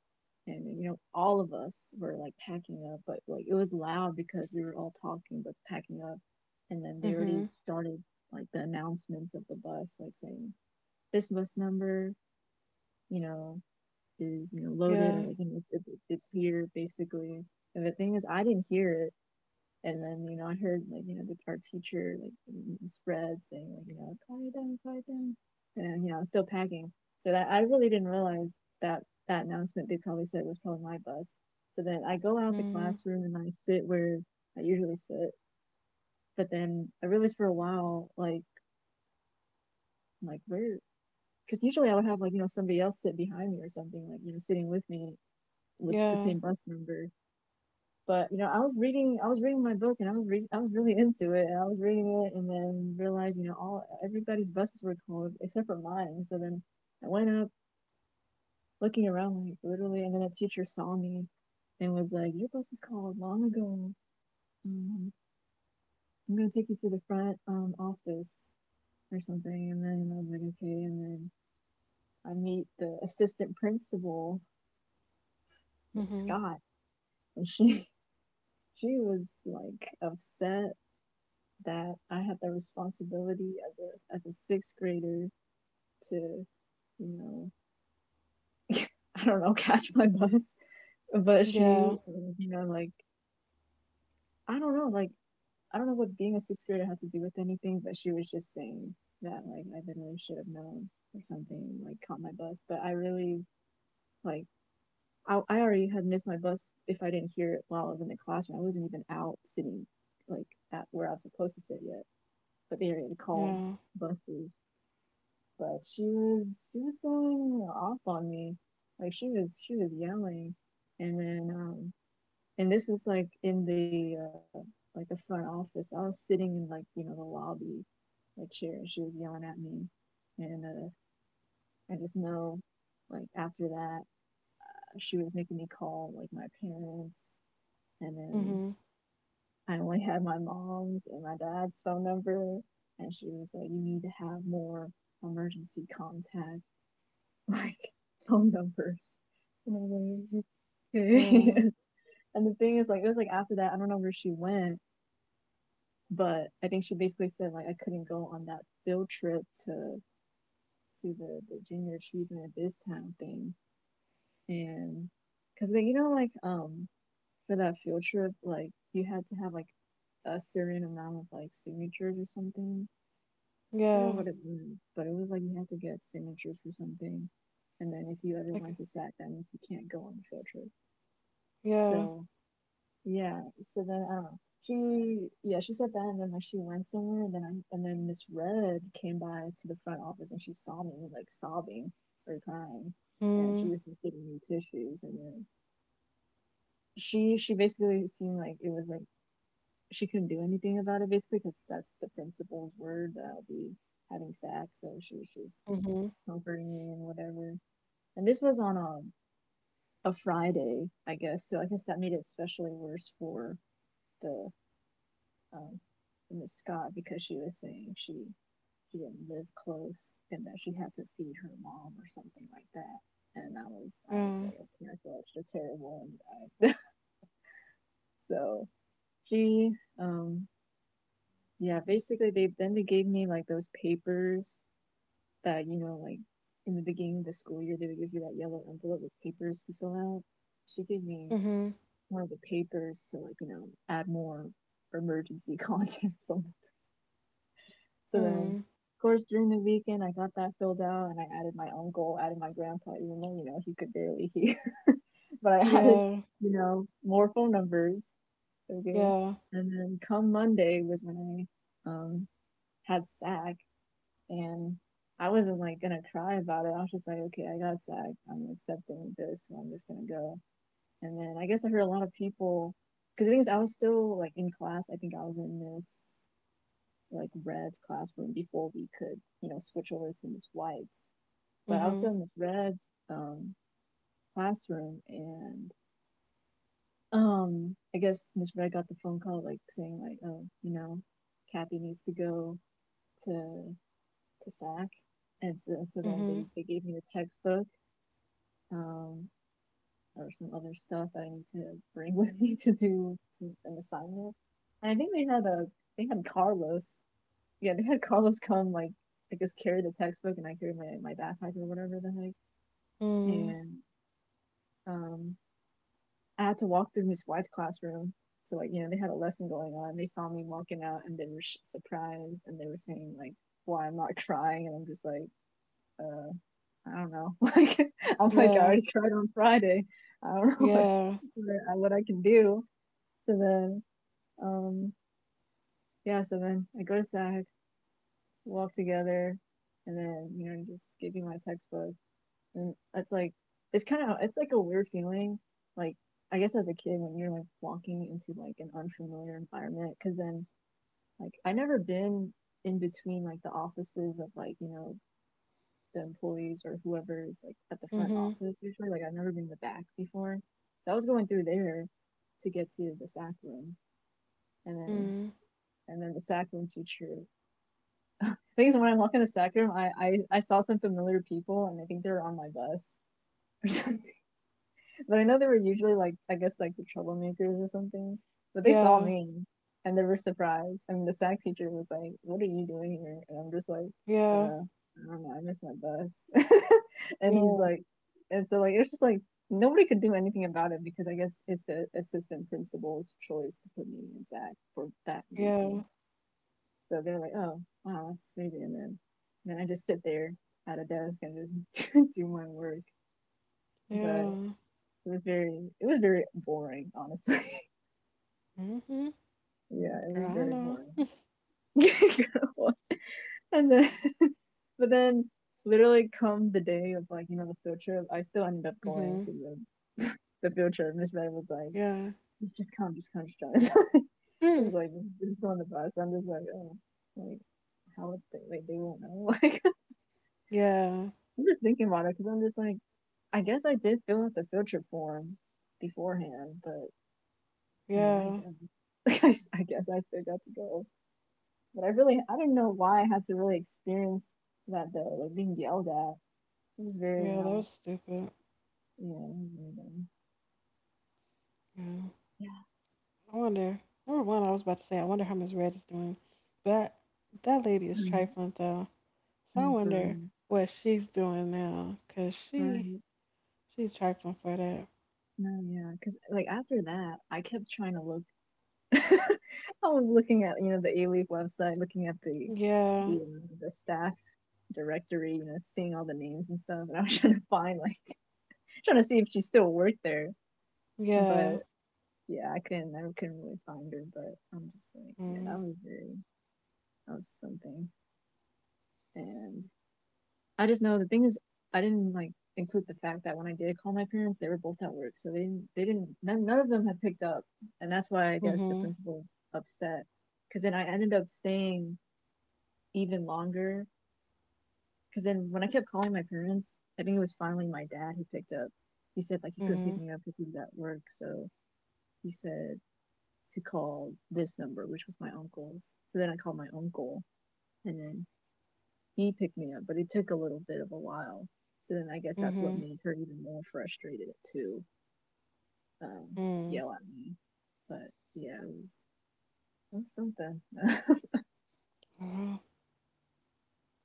B: and you know all of us were like packing up but like it was loud because we were all talking but packing up, and then they already
A: Mhm.
B: started like the announcements of the bus like saying this bus number, you know, is you know loaded or
A: Yeah.
B: like you know, it's here basically, and the thing is I didn't hear it. And then, you know, I heard like, you know, guitar teacher like spread saying like, you know, quiet down, quiet down. And you know, I was still packing. So that I really didn't realize that that announcement they probably said was probably my bus. So then I go out the
A: Mhm.
B: classroom and I sit where I usually sit. But then I realized for a while, like where, because usually I would have like, you know, somebody else sit behind me or something, like, you know, sitting with me with the
A: Yeah.
B: same bus number. But you know, I was reading my book, and I was really into it, and I was reading it, and then realized, you know, all everybody's buses were called except for mine. So then I went up looking around, like, literally, and then a teacher saw me and was like, your bus was called long ago. um, I'm gonna take you to the front office or something. And then I was like, okay. And then I meet the assistant principal, Miss
A: Mhm.
B: Scott. And she *laughs* she was like upset that I had the responsibility as a sixth grader to, know, *laughs* I don't know, *laughs* catch my bus. But
A: Yeah.
B: she, you know, like, I don't know, like, I don't know what being a sixth grader had to do with anything, but she was just saying that, like, I literally should have known or something, like caught my bus. But I really, like, I already had missed my bus. If I didn't hear it while I was in the classroom, I wasn't even out sitting, like, at where I was supposed to sit yet, but they already called
A: Yeah.
B: buses. But she was going off on me. Like, she was yelling. And then and this was like in the like the front office. I was sitting in, like, you know, the lobby like chair, and she was yelling at me. And I just know, like, after that she was making me call like my parents. And then
A: Mhm.
B: I only had my mom's and my dad's phone number, and she was like, you need to have more emergency contact *laughs* like phone numbers. And I was like, okay.
A: Yeah.
B: *laughs* And the thing is, like, it was like after that, I don't know where she went, but I think she basically said like I couldn't go on that field trip to the junior achievement at this town thing. And because then, you know, like, for that field trip, like, you had to have like a certain amount of like signatures or something. I forgot
A: Yeah.
B: what it was, but it was like you had to get signatures for something, and then if you ever
A: Like.
B: went to SAC, that means you can't go on the field trip.
A: Yeah.
B: So yeah, so then I don't know. She, yeah, she said that. And then, like, she went somewhere, and then I, and then Miss Red came by to the front office, and she saw me, like, sobbing or crying, and she
A: Mm-hmm.
B: was just giving me tissues. And then she basically seemed like, it was like she couldn't do anything about it basically, because that's the principal's word that I'll be having sack. So she was just
A: Mm-hmm.
B: comforting me and whatever. And this was on a Friday, I guess, so I guess that made it especially worse for the um, Miss Scott, because she was saying she didn't live close, and that she had to feed her mom or something like that. And I was
A: Yeah.
B: like, okay, I feel extra terrible. And I, *laughs* so she, um, yeah, basically they, then they gave me like those papers that, you know, like in the beginning of the school year they would give you that yellow envelope with papers to fill out. She gave me
A: Mhm.
B: one of the papers to, like, you know, add more emergency *laughs* content from. So then,
A: Mhm.
B: of course, during the weekend, I got that filled out and I added my uncle, added my grandpa, even though, you know, he could barely hear. *laughs* But I added,
A: Yeah.
B: you know, more phone numbers. Okay.
A: Yeah.
B: And then come Monday was when I had SAC. And I wasn't like gonna cry about it. I was just like, okay, I got SAC. I'm accepting this and I'm just gonna go. And then I guess I heard a lot of people, because I think I was still like in class. I think I was in this like Red's classroom before we could, you know, switch over to Miss White's. But I was
A: Mhm.
B: still in Miss Red's um, classroom. And I guess Miss Red got the phone call, like, saying like, oh, you know, Kathy needs to go to SAC. And so, so then
A: Mhm.
B: they gave me a textbook. Um, or some other stuff that I need to bring *laughs* with me to do an assignment. And I think they had Carlos, yeah, they had Carlos come like, I guess, carry the textbook, and I carried my, my backpack or whatever the heck.
A: Mhm.
B: And um I had to walk through Miss White's classroom. So, like, you know, they had a lesson going on. They saw me walking out and they were surprised, and they were saying like why I'm not *laughs* crying, and I'm just like, uh, I don't know. *laughs* Like, I'm like, I
A: Yeah.
B: already cried on Friday. I don't *laughs* know what
A: Yeah.
B: what I can do. So then um yeah, so then I go to SAC, walk together, and then, you know, just give you my textbook. And it's like, it's kind of it's like a weird feeling. Like, I guess as a kid when you're like walking into like an unfamiliar environment, because then, like, I never been in between like the offices of, like, you know, the employees or whoever is like at the front
A: Mhm.
B: office usually. Like, I've never been in the back before, so I was going through there to get to the sac room. And then,
A: Mhm.
B: the sac room teacher, I think it's when I walk in the sac room, I saw some familiar people, and I think they were on my bus or *laughs* something. But I know they were usually like, I guess, like the troublemakers or something. But they saw
A: Yeah.
B: me and they were surprised. I mean, the sack teacher was like, "What are you doing here?" And I'm just like,
A: Yeah.
B: I don't know. I missed my bus." *laughs* And
A: Yeah.
B: he's like, and so, like, it's just like nobody could do anything about it, because I guess it's the assistant principal's choice to put me in sack for that reason.
A: Yeah.
B: So they're like, "Oh, wow, that's crazy." And then I just sit there at a desk and just *laughs* do my work. But
A: Yeah.
B: it was very boring, honestly. *laughs*
A: Mhm.
B: Yeah, it
A: Girl,
B: was
A: I
B: very
A: know.
B: boring. *laughs* And then *laughs* but then literally come the day of, like, you know, the field trip, I still ended up going
A: Mhm.
B: to the *laughs* the field trip. Miss Red was like,
A: Yeah.
B: just come, just come, just come. *laughs* He's
A: Mm.
B: like, just go on the bus. I'm just like, oh, like, how would they, like, they won't know. Like, *laughs*
A: Yeah.
B: I'm just thinking about it, because I'm just like, I guess I did fill out the field trip form beforehand. But I mean, I
A: Yeah.
B: guess, *laughs* I, guess I still got to go, but I really, I don't know why I had to really experience that, though, like being yelled at. It was very
A: Yeah. That
B: not,
A: was stupid.
B: yeah, it was very dumb.
A: Yeah.
B: Yeah.
A: I wonder. Number one, I was about to say, I wonder how Miss Red is doing, but that lady is
B: Um,
A: trifling though. So I
B: no, for
A: wonder
B: real,
A: what she's doing now, cause she
B: right?
A: she's trifling for that.
B: No, yeah, because, like, after that, I kept trying to look. *laughs* I was looking at, you know, the A Leaf website, looking at
A: Yeah.
B: the staff directory, you know, seeing all the names and stuff, and I was *laughs* trying to find like, trying to see if she still worked there, but
A: Yeah.
B: yeah, I couldn't really find her. But I'm just like, yeah, that
A: Mm.
B: was very, that was something. And I just know, the thing is, I didn't like include the fact that when I did call my parents, they were both at work, so they didn't none of them had picked up, and that's why I guess the
A: Mm-hmm.
B: principal was upset. Because then I ended up staying even longer. Because then when I kept calling my parents, I think it was finally my dad who picked up. He said like he couldn't pick
A: Mm-hmm.
B: me up because he was at work, so he said to call this number, which was my uncle's. So then I called my uncle, and then he picked me up, but it took a little bit of a while. So then I guess that's what
A: Mm-hmm.
B: made her even more frustrated to, um,
A: Mm.
B: yell at me. But yeah, it was something. *laughs*
A: Well,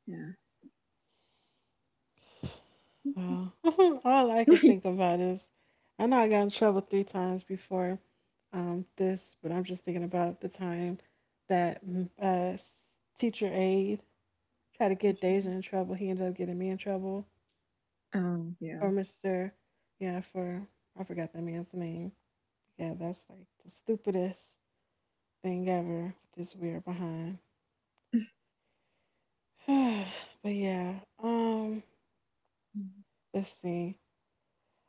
B: Yeah. *laughs*
A: well. *laughs* All I can think about is I know I got in trouble three times before this, but I'm just thinking about the time that s- teacher aide tried to get Deja
B: Teaching.
A: in trouble. He ended up getting me in trouble
B: Yeah.
A: for Mr. Yeah, for I forgot that man's name. Yeah, that's like the stupidest thing ever. This weird behind. *sighs* But yeah. Um, let's see.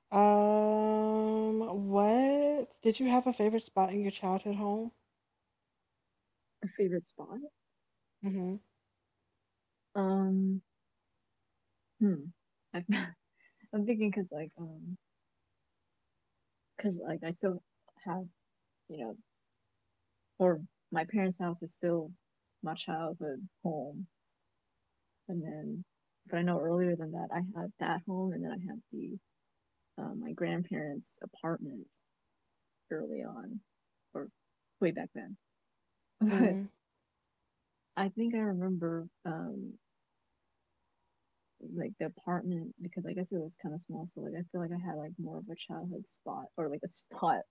A: What did you have a favorite spot in your childhood home?
B: A favorite spot?
A: Mhm.
B: Um, hmm. I've, *laughs* I'm thinking because, like, because like I still have, you know, or my parents' house is still my childhood home. And then, but I know earlier than that, I had that home, and then I had the my grandparents' apartment early on, or way back then. *laughs* But
A: Mhm.
B: I think I remember like the apartment because I guess it was kind of small, so like I feel like I had like more of a childhood spot or like a spot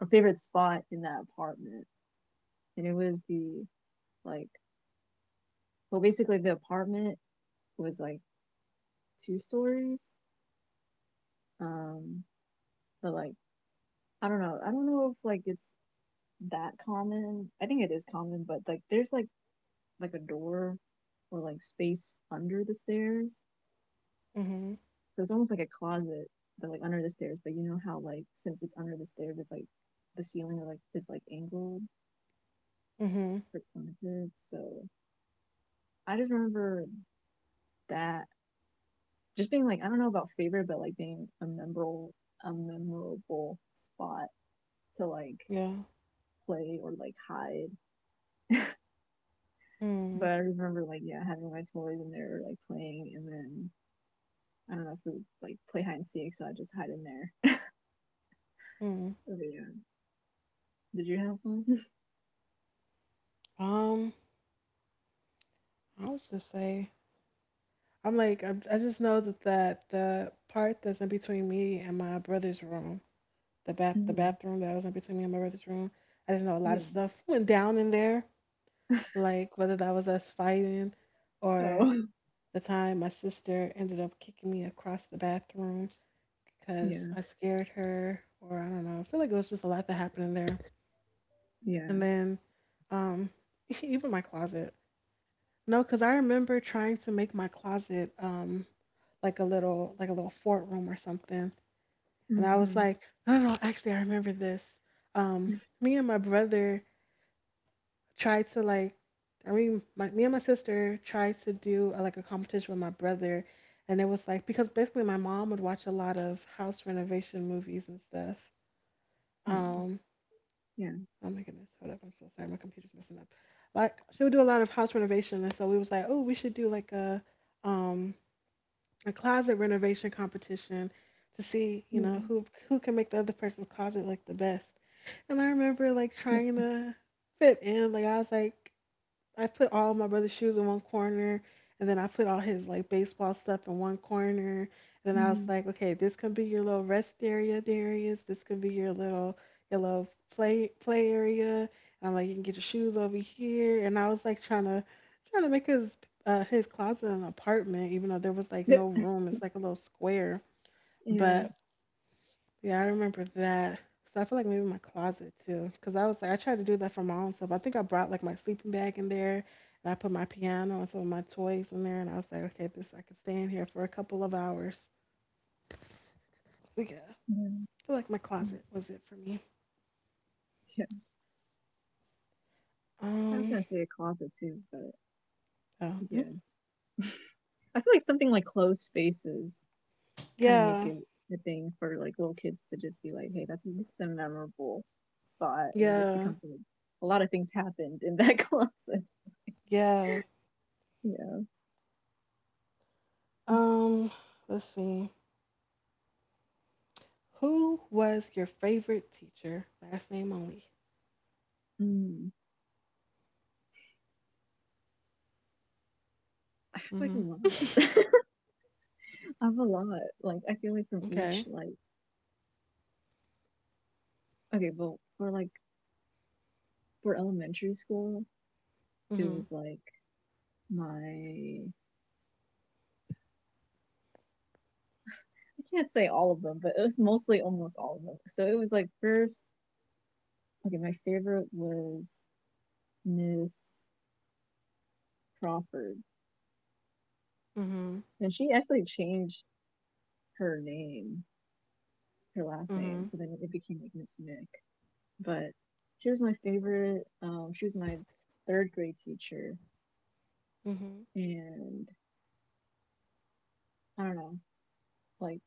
B: or favorite spot in that apartment, and it was the like well basically the apartment was like two stories. Um, but like I don't know. I don't know if like it's that common. I think it is common, but like there's like a door or like space under the stairs.
A: Mhm.
B: So it's almost like a closet, but like under the stairs. But you know how like since it's under the stairs, it's like the ceiling like is like angled,
A: Mhm.
B: it's like slanted. So I just remember that just being like I don't know about favorite, but like being a memorable spot to like
A: Yeah.
B: play or like hide.
A: Mhm.
B: But I remember like yeah, having my toys and they were like playing and then I don't know if we would like play hide and seek, so I just hide in there.
A: Mhm.
B: But yeah. Did you have one?
A: Um, I would just say I'm like I just know that the part, that's in between me and my brother's room,
B: *laughs*
A: the
B: Hmm.
A: bathroom that was in between me and my brother's room, I just know a lot of
B: Yeah.
A: stuff *laughs* went down in there. Like whether that was us fighting, or
B: Oh. *laughs*
A: the time my sister ended up kicking me across the bathroom because
B: Yeah.
A: I scared her, or I don't know. I feel like it was just a lot that happened in there.
B: Yeah.
A: And then, um, *laughs* even my closet. No, because I remember trying to make my closet like a little fort room or something, and I was
B: Mm-hmm.
A: like, no, no, no, actually, I remember this. Um, me and my brother tried to like I mean my, me and my sister tried to do like a competition with my brother and it was like because basically my mom would watch a lot of house renovation movies and stuff.
B: Mm-hmm.
A: Um
B: Yeah.
A: oh my goodness, hold up, I'm so sorry, my computer's messing up. Like she would do a lot of house renovation and so we was like, oh, we should do like um a closet renovation competition to see, you
B: Yeah.
A: know,
B: Mhm.
A: who can make the other person's closet like the best. And I remember like trying to fit in. Like I was like I put all of my brother's shoes in one corner, and then I put all his like baseball stuff in one corner. And then I was like, okay, this could be your little rest area, Darius. This could be your little play play area. And I'm like, you can get your shoes over here. And I was like trying to make his closet an apartment, even though there was like
B: Yeah.
A: no room. It's like a little square,
B: Yeah.
A: but yeah, I remember that. So I feel like maybe my closet too, because I was like, I tried to do that for my own self. I think I brought like my sleeping bag in there, and I put my piano and some of my toys in there, and I was like, okay, this I could stay in here for a couple of hours. So yeah, I
B: Mhm.
A: feel like my closet was it for me.
B: Yeah. I was
A: Um,
B: gonna say a closet too, but
A: oh,
B: yeah. I feel like something like closed spaces kind of make
A: yeah,
B: it a thing for like little kids to just be like, hey, that's this is a memorable spot, and just
A: yeah,
B: becomes like, a lot of things happened in *laughs* that closet.
A: yeah.
B: Yeah,
A: Um, let's see. Who was your favorite teacher? Last name only.
B: mm, I have like a lot.
A: Mm-hmm.
B: *laughs* I have a lot. Like I feel like from
A: *laughs*
B: each
A: Okay.
B: like okay, well for like for elementary school, it
A: Mhm.
B: was like my I can't say all of them, but it was mostly almost all of them. So it was like first okay, my favorite was Miss Crawford.
A: Mhm.
B: And she actually changed her name, her last name.
A: Mhm.
B: So then it became like Miss Mick. But she was my favorite. She was my third grade teacher,
A: Mhm.
B: and I don't know, like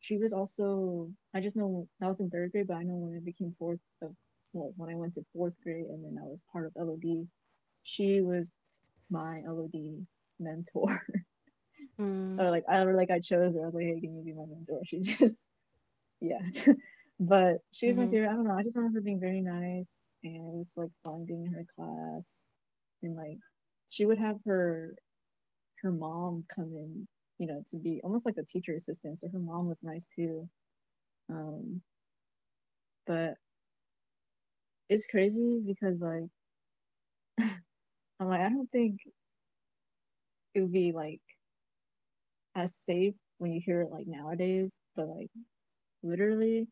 B: she was also. I just know that was in third grade, but I know when it became fourth of well, when I went to fourth grade, and then I was part of LOD. She was my LOD mentor. *laughs*
A: Mhm.
B: or like I chose her. I was like, hey, can you be my mentor? She *laughs* just yeah. *laughs* But she was my
A: Mhm.
B: favorite. I don't know. I just remember her being very nice, and it was like fun being in her class. And like, she would have her mom come in, you know, to be almost like a teacher assistant. So her mom was nice too. Um, but it's crazy because like I'm like I don't think it would be like as safe when you hear it like nowadays. But like literally,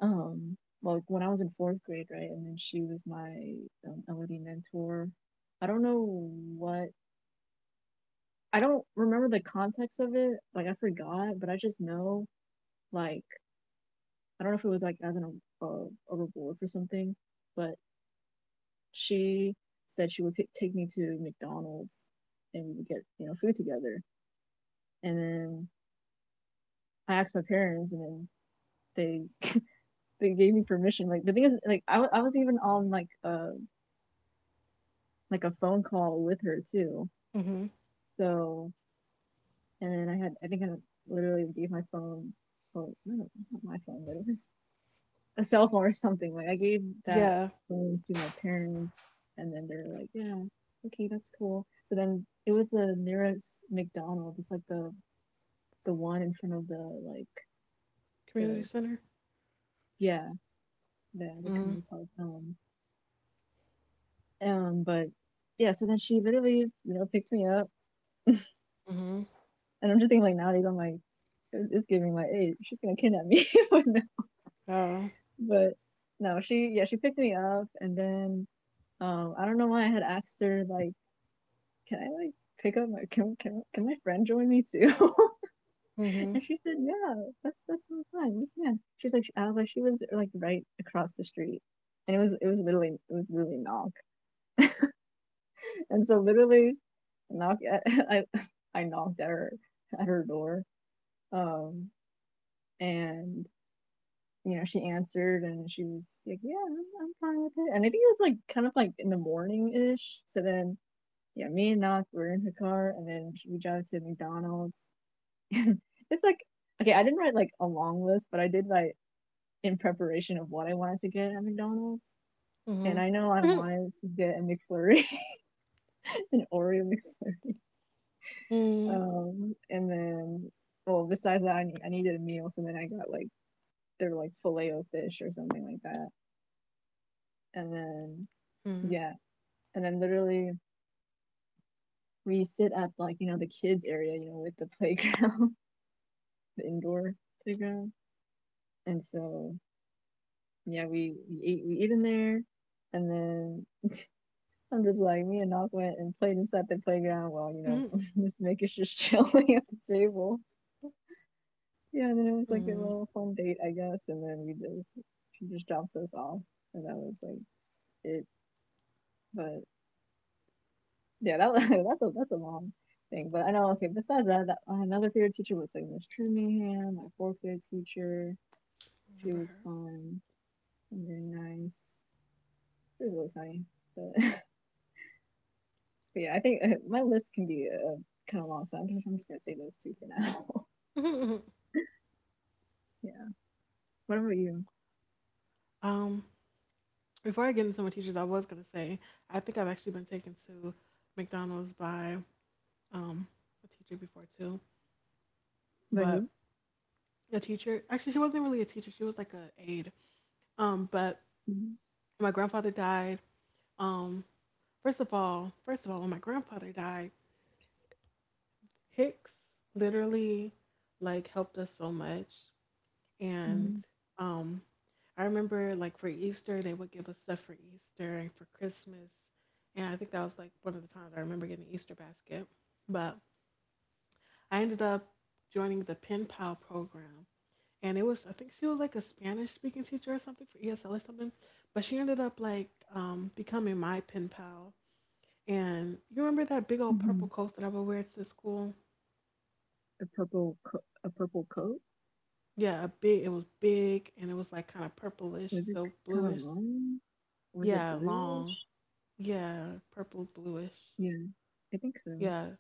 B: um like when I was in fourth grade, right? And then she was my LED mentor. I don't know what I don't remember the context of it. Like I forgot, but I just know like I don't know if it was like as a reward for something, but she said she would pick, take me to McDonald's and we would get you know food together. And then I asked my parents, and then they *laughs* they gave me permission. Like the thing is, like I was even on like a phone call with her too.
A: Mhm.
B: So, and then I had, I think I literally gave my phone, or not my phone, but it was a cell phone or something. Like I gave that
A: Yeah.
B: phone to my parents, and then they're like, "Yeah, okay, that's cool." So then it was the nearest McDonald's. It's like the one in front of the like
A: Community
B: the
A: center.
B: yeah the
A: Mhm.
B: community park. But yeah. So then she literally, you know, picked me up,
A: Mhm.
B: and I'm just thinking like nowadays I'm like, it's giving like, hey, she's gonna kidnap me. *laughs* But no.
A: Oh.
B: But no, she yeah, she picked me up and then I don't know why I had asked her like, can I like pick up my can my friend join me too? *laughs*
A: Mhm.
B: And she said, yeah, that's so fun. We can. She's like I was like, she was like right across the street. And it was literally knock. And so literally knock at *laughs* I I knocked at her door. Um and you know, she answered and she was like, yeah, I'm fine with it. And I think it was like kind of like in the morning ish. So then, yeah, me and Knock were in her car and then we drove to McDonald's. *laughs* It's like, okay, I didn't write like a long list, but I did write in preparation of what I wanted to get at McDonald's. And
A: Mhm.
B: I know I
A: Mhm.
B: wanted to get a McFlurry, *laughs* an Oreo McFlurry.
A: Mhm.
B: And then, well, besides that, I needed a meal. So then I got like, their like filet o fish or something like that. And then, yeah, and then literally we sit at like you know the kids area, you know, with the playground, *laughs* the indoor playground, and so yeah, we eat in there, and then I'm just like me and Nok went and played inside the playground while you know *laughs* Miss Maker's just *laughs* chilling at the table. Yeah, and then it was like a little fun date, I guess, and then we just she just drops us off, and that was like it. But yeah, *laughs* that's a long thing. But I know. Okay, besides that, another favorite teacher was like Miss Trumingham, my fourth grade teacher. She was
A: Mhm.
B: fun and very nice. She was really funny.
A: Mhm.
B: But, *laughs*
A: Mhm.
B: but yeah, I think my list can be kind of
A: Remember
B: long,
A: her.
B: so I'm just gonna say those two for now.
A: Mhm. Mhm.
B: *laughs* Yeah. What about you?
A: Um. Before I get into my teachers, I was gonna say I think I've actually been taken to McDonald's by um a teacher before too,
B: By
A: but
B: who?
A: a teacher actually she wasn't really a teacher. She was like a aide. But
B: Mm-hmm.
A: my grandfather died. Um. First of all, when my grandfather died, Hicks literally like helped us so much. And
B: Mm-hmm.
A: um, I remember like for Easter, they would give us stuff for Easter and for Christmas. And I think that was like one of the times I remember getting an Easter basket. But I ended up joining the pen pal program. And it was, I think she was like a Spanish speaking teacher or something for ESL or something. But she ended up like becoming my pen pal. And you remember that big old purple
B: Mm-hmm.
A: coat that I would wear to school?
B: A purple co- a purple coat,
A: Yeah, a big. It was big, and it was like kind of purplish,
B: was it
A: so
B: kind of
A: bluish.
B: long? Was it
A: Yeah, long.
B: bluish?
A: Yeah, purple bluish.
B: Yeah, I think so.
A: Yeah,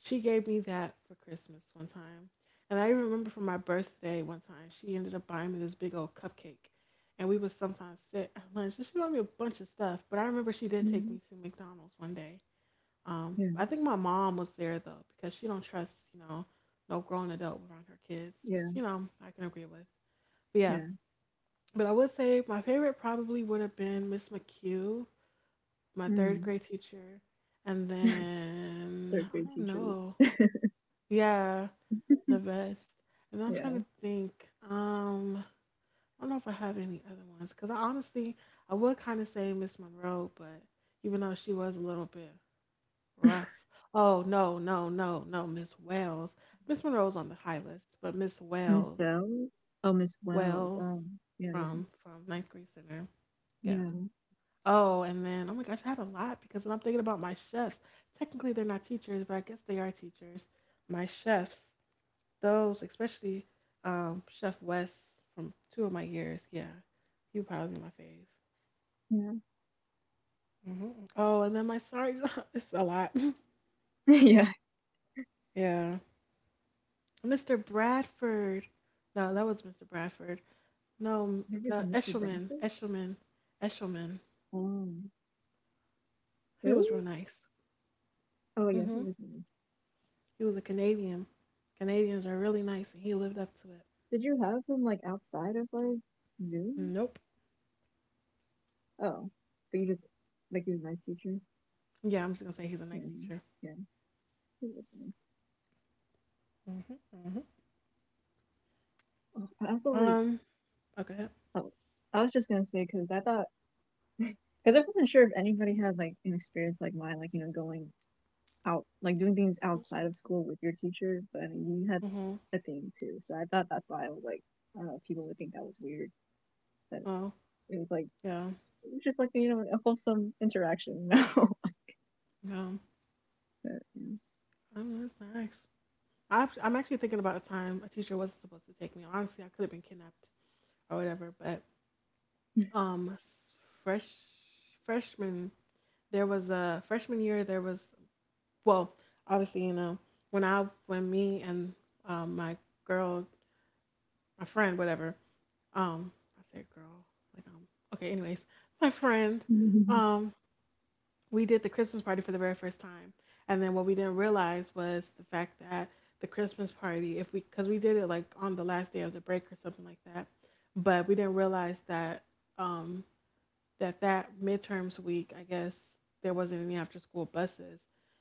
A: she gave me that for Christmas one time, and I even remember for my birthday one time, she ended up buying me this big old cupcake, and we would sometimes sit at lunch. And she bought me a bunch of stuff, but I remember she did take me
B: Yeah.
A: to McDonald's one day.
B: Yeah,
A: I think my mom was there though because she don't trust you know no grown adult around her kids, which
B: yeah,
A: you know I can agree with. But yeah,
B: yeah.
A: but I would say my favorite probably would have been Miss McHugh, my third
B: Mm.
A: grade teacher. And
B: *laughs*
A: then
B: Third
A: I
B: grade
A: don't
B: teachers.
A: know. Yeah,
B: *laughs*
A: the best. And I'm
B: Yeah.
A: trying to think. I don't know if I have any other ones because I honestly I would kind of say Miss Monroe, but even though she was a little bit rough. Oh no, no, no, no, Miss Wells. Miss Monroe's on the high list, but Miss
B: Miss
A: Wells,
B: Wells? Oh, Miss Wells. Oh,
A: Wells
B: yeah, yeah.
A: from ninth grade center. Yeah,
B: Yeah.
A: oh, and then oh my gosh, I had a lot because I'm thinking about my chefs. Technically, they're not teachers, but I guess they are teachers. My chefs, those especially Chef Wes from two of my years. Yeah, he would probably be my fave. Hmm. Oh, and then my sorry, *laughs* it's a lot.
B: Yeah. *laughs* Yeah.
A: *laughs* Yeah, Mr. Bradford. No, that was Mr. Bradford. No, m-
B: There was a
A: The
B: Mr.
A: Eshelman,
B: Brackett?
A: Eshelman, Eshelman.
B: Oh.
A: He was real
B: Really?
A: nice.
B: Oh, yeah, he
A: Hmm.
B: was nice.
A: He was a Canadian. Canadians are really nice, and he lived up to it.
B: Did you have him, like, outside of, like, Zoom?
A: Nope.
B: Oh. But you just, like, he was a nice teacher?
A: Yeah, I'm just gonna say he's a
B: Yeah.
A: nice teacher.
B: Yeah. He was nice.
A: Mm-hmm, mm-hmm.
B: Oh, I also, like,
A: Um. Okay.
B: oh, I was just gonna say, because I thought, because I wasn't sure if anybody had, like, an experience like mine, like, you know, going out like doing things
A: I'm
B: outside
A: sorry.
B: of school with your teacher, but I mean you had
A: Mm-hmm.
B: a thing too. So I thought that's why I was like, I don't know if people would think that was weird, but
A: Oh.
B: it was like
A: Yeah.
B: just like you know a wholesome interaction. No,
A: No.
B: *laughs* but, yeah.
A: I'm that's nice. I'm actually thinking about a time a teacher wasn't supposed to take me. Honestly, I could have been kidnapped or whatever. But um, s- fresh freshman there was a freshman year there was well obviously, when me and um, my girl my friend whatever. Um, I said girl, like okay, anyways, my friend,
B: *laughs*
A: um, we did the Christmas party for the very first time. And then what we didn't realize was the fact that the Christmas party, if we because we did it like on the last day of the break or something like that, but we didn't realize that um that midterms week, I guess there wasn't any after school buses,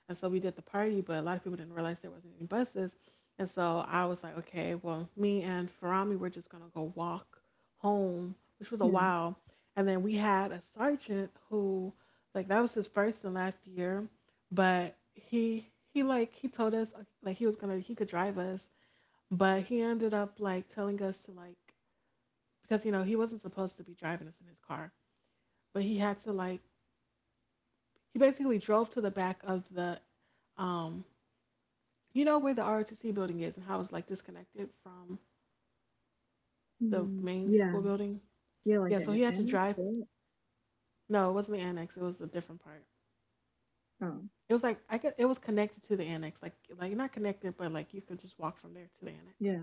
A: and so we did the party, but a lot of people didn't realize there wasn't any buses, and so I was like, okay, well, me and Farami were just gonna go walk home, which was a
B: Yeah.
A: while, and then we had a sergeant who, like, that was his first and last year, but he told us like he was gonna he could drive us, but he ended up like telling us to like, because you know he wasn't supposed to be driving us in his car, but he had to like he basically drove to the back of the, um, you know where the ROTC building is and how it's like disconnected from the
B: Mm,
A: main
B: yeah,
A: school building.
B: yeah, like
A: Yeah, so
B: the
A: he had to
B: annex,
A: drive.
B: right?
A: No, it wasn't the annex. It was a different part.
B: Oh,
A: It was like I could, it was connected to the annex, like not connected, but like you could just walk from there to the annex.
B: yeah.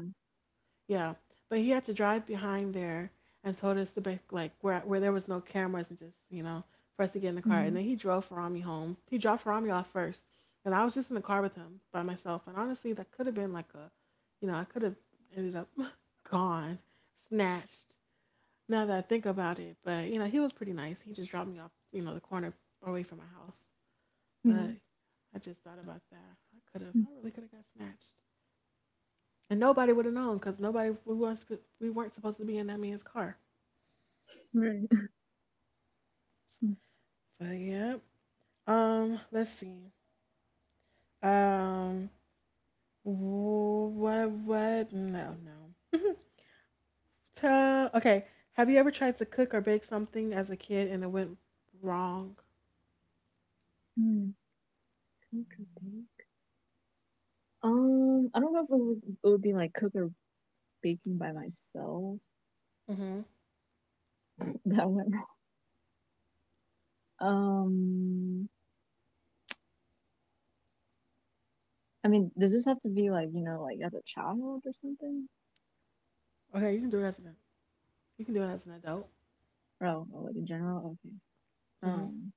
A: Yeah, but he had to drive behind there and told us to back like where there was no cameras and just you know for us to get in the car. And
B: Hmm.
A: then he drove Farami home. He dropped Farami off first, and I was just in the car with him by myself. And honestly, that could have been like a, you know, I could have ended up *laughs* gone, snatched. Now that I think about it, but you know, he was pretty nice. He just dropped me off, you know, the corner away from my house.
B: Yeah,
A: But
B: *laughs*
A: I just thought about that. I could have,
B: mm,
A: I really could have got snatched and nobody would have known because nobody we weren't supposed to be in that man's car.
B: right.
A: But yeah, let's see, um, wh- what no no. *laughs* Okay, have you ever tried to cook or bake something as a kid and it went wrong?
B: Mm, cook. I don't know if it was it would be like cook or baking by myself.
A: Mhm.
B: *laughs* That went wrong. Um, I mean, does this have to be like you know, like as a child or something?
A: Okay, you can do it as an adult.
B: Oh, oh like in general. Okay.
A: Mhm.
B: Um.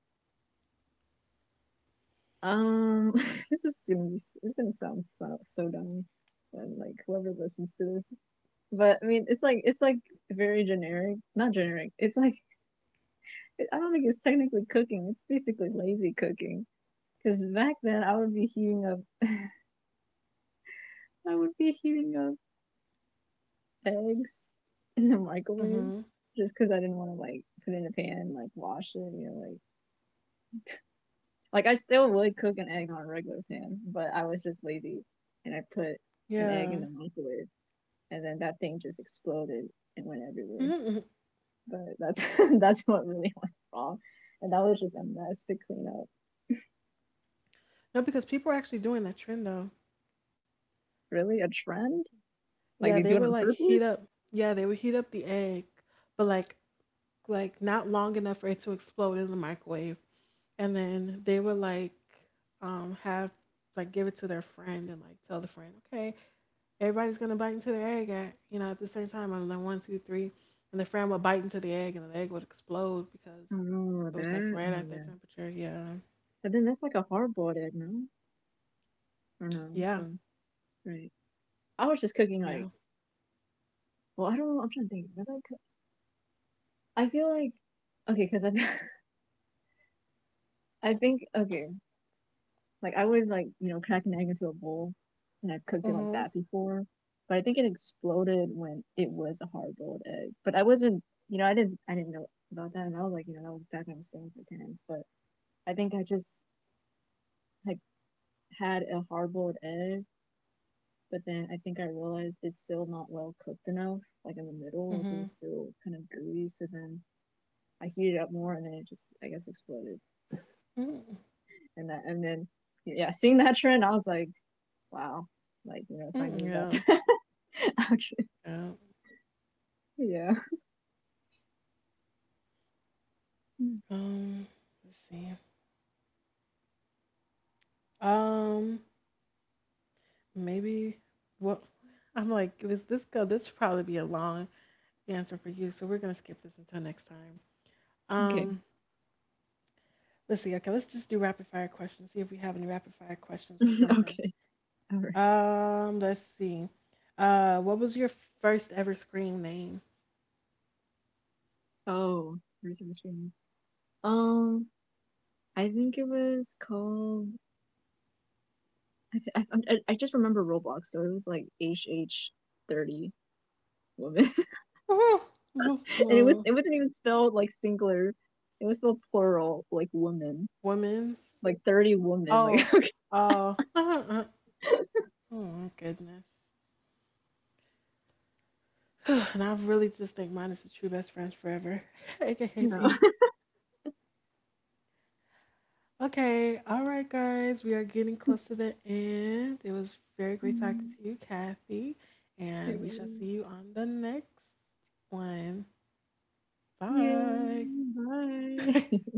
B: Um. *laughs* This is gonna be. It's gonna sound so so dumb. And like whoever listens to this, but I mean, it's like very generic. Not generic. It's like I don't think it's technically cooking. It's basically lazy cooking. Because back then I would be heating up, *laughs* I would be heating up eggs in the microwave
A: Mhm.
B: just because I didn't want to like put in a pan, and like wash it, you know, like. Like I still would cook an egg on a regular pan, but I was just lazy and I put an egg in
A: Yeah.
B: the microwave and then that thing just exploded and went everywhere.
A: Mm-hmm.
B: But that's *laughs* that's what really went wrong. And that was just a mess to clean up.
A: No, because people are actually doing that trend though.
B: Really? A trend? Like
A: Yeah,
B: they
A: they
B: do it
A: would
B: on
A: like heat
B: purpose?
A: up. Yeah, they would heat up the egg, but like not long enough for it to explode in the microwave. And then they would like have like give it to their friend and like tell the friend, okay, everybody's gonna bite into the egg at you know at the same time. And then one, two, three, and the friend would bite into the egg, and the egg would explode because
B: Oh,
A: it was like
B: that?
A: right
B: Oh,
A: at that
B: yeah.
A: temperature. Yeah,
B: But then that's like a hard boiled egg, no? Or no?
A: yeah,
B: Oh, right. I was just cooking like,
A: yeah.
B: well, I don't know. I'm trying to think. Was I feel like okay, because I *laughs* I think okay, like I would like you know crack an egg into a bowl, and I've cooked it like
A: Mhm.
B: that before, but I think it exploded when it was a hard boiled egg. But I wasn't, you know, I didn't know about that, and I was like, you know, that was back when I was staying with my parents. But I think I just like had a hard boiled egg, but then I think I realized it's still not well cooked enough, like in the middle, like it was
A: Mhm.
B: still kind of gooey. So then I heated it up more, and then it just I guess exploded.
A: Mm.
B: And that and then yeah, seeing that trend, I was like, wow, like you know, if I
A: Mm,
B: knew about
A: yeah.
B: that, *laughs* actually,
A: Yeah.
B: yeah.
A: Um. Let's see. Um. Maybe what *laughs* I'm like this will probably be a long answer for you, so we're gonna skip this until next time.
B: Okay,
A: Um, let's see. Okay, let's just do rapid fire questions. See if we have any rapid fire questions or
B: *laughs*
A: something.
B: okay, all right.
A: Let's see. What was your first ever screen name?
B: Oh, where's the screen? Um, I think it was called. I th- I, I just remember Roblox, so it was like H H 30 woman, *laughs*
A: *laughs*
B: and it was
A: Uh,
B: it wasn't even spelled like singular. It was spelled plural, like woman,
A: women's.
B: like 30 woman, like
A: Oh,
B: okay,
A: oh. *laughs* Oh my goodness. *sighs* And I really just think mine is the true best friends forever, *laughs* aka
B: no.
A: T. Okay, all right, guys, we are getting close to the end. It was very great talking to you,
B: *laughs*
A: Kathy,
B: It
A: and we shall
B: was-
A: see you on the next one. Bye.
B: Yay. Bye.
A: *laughs*
B: *laughs*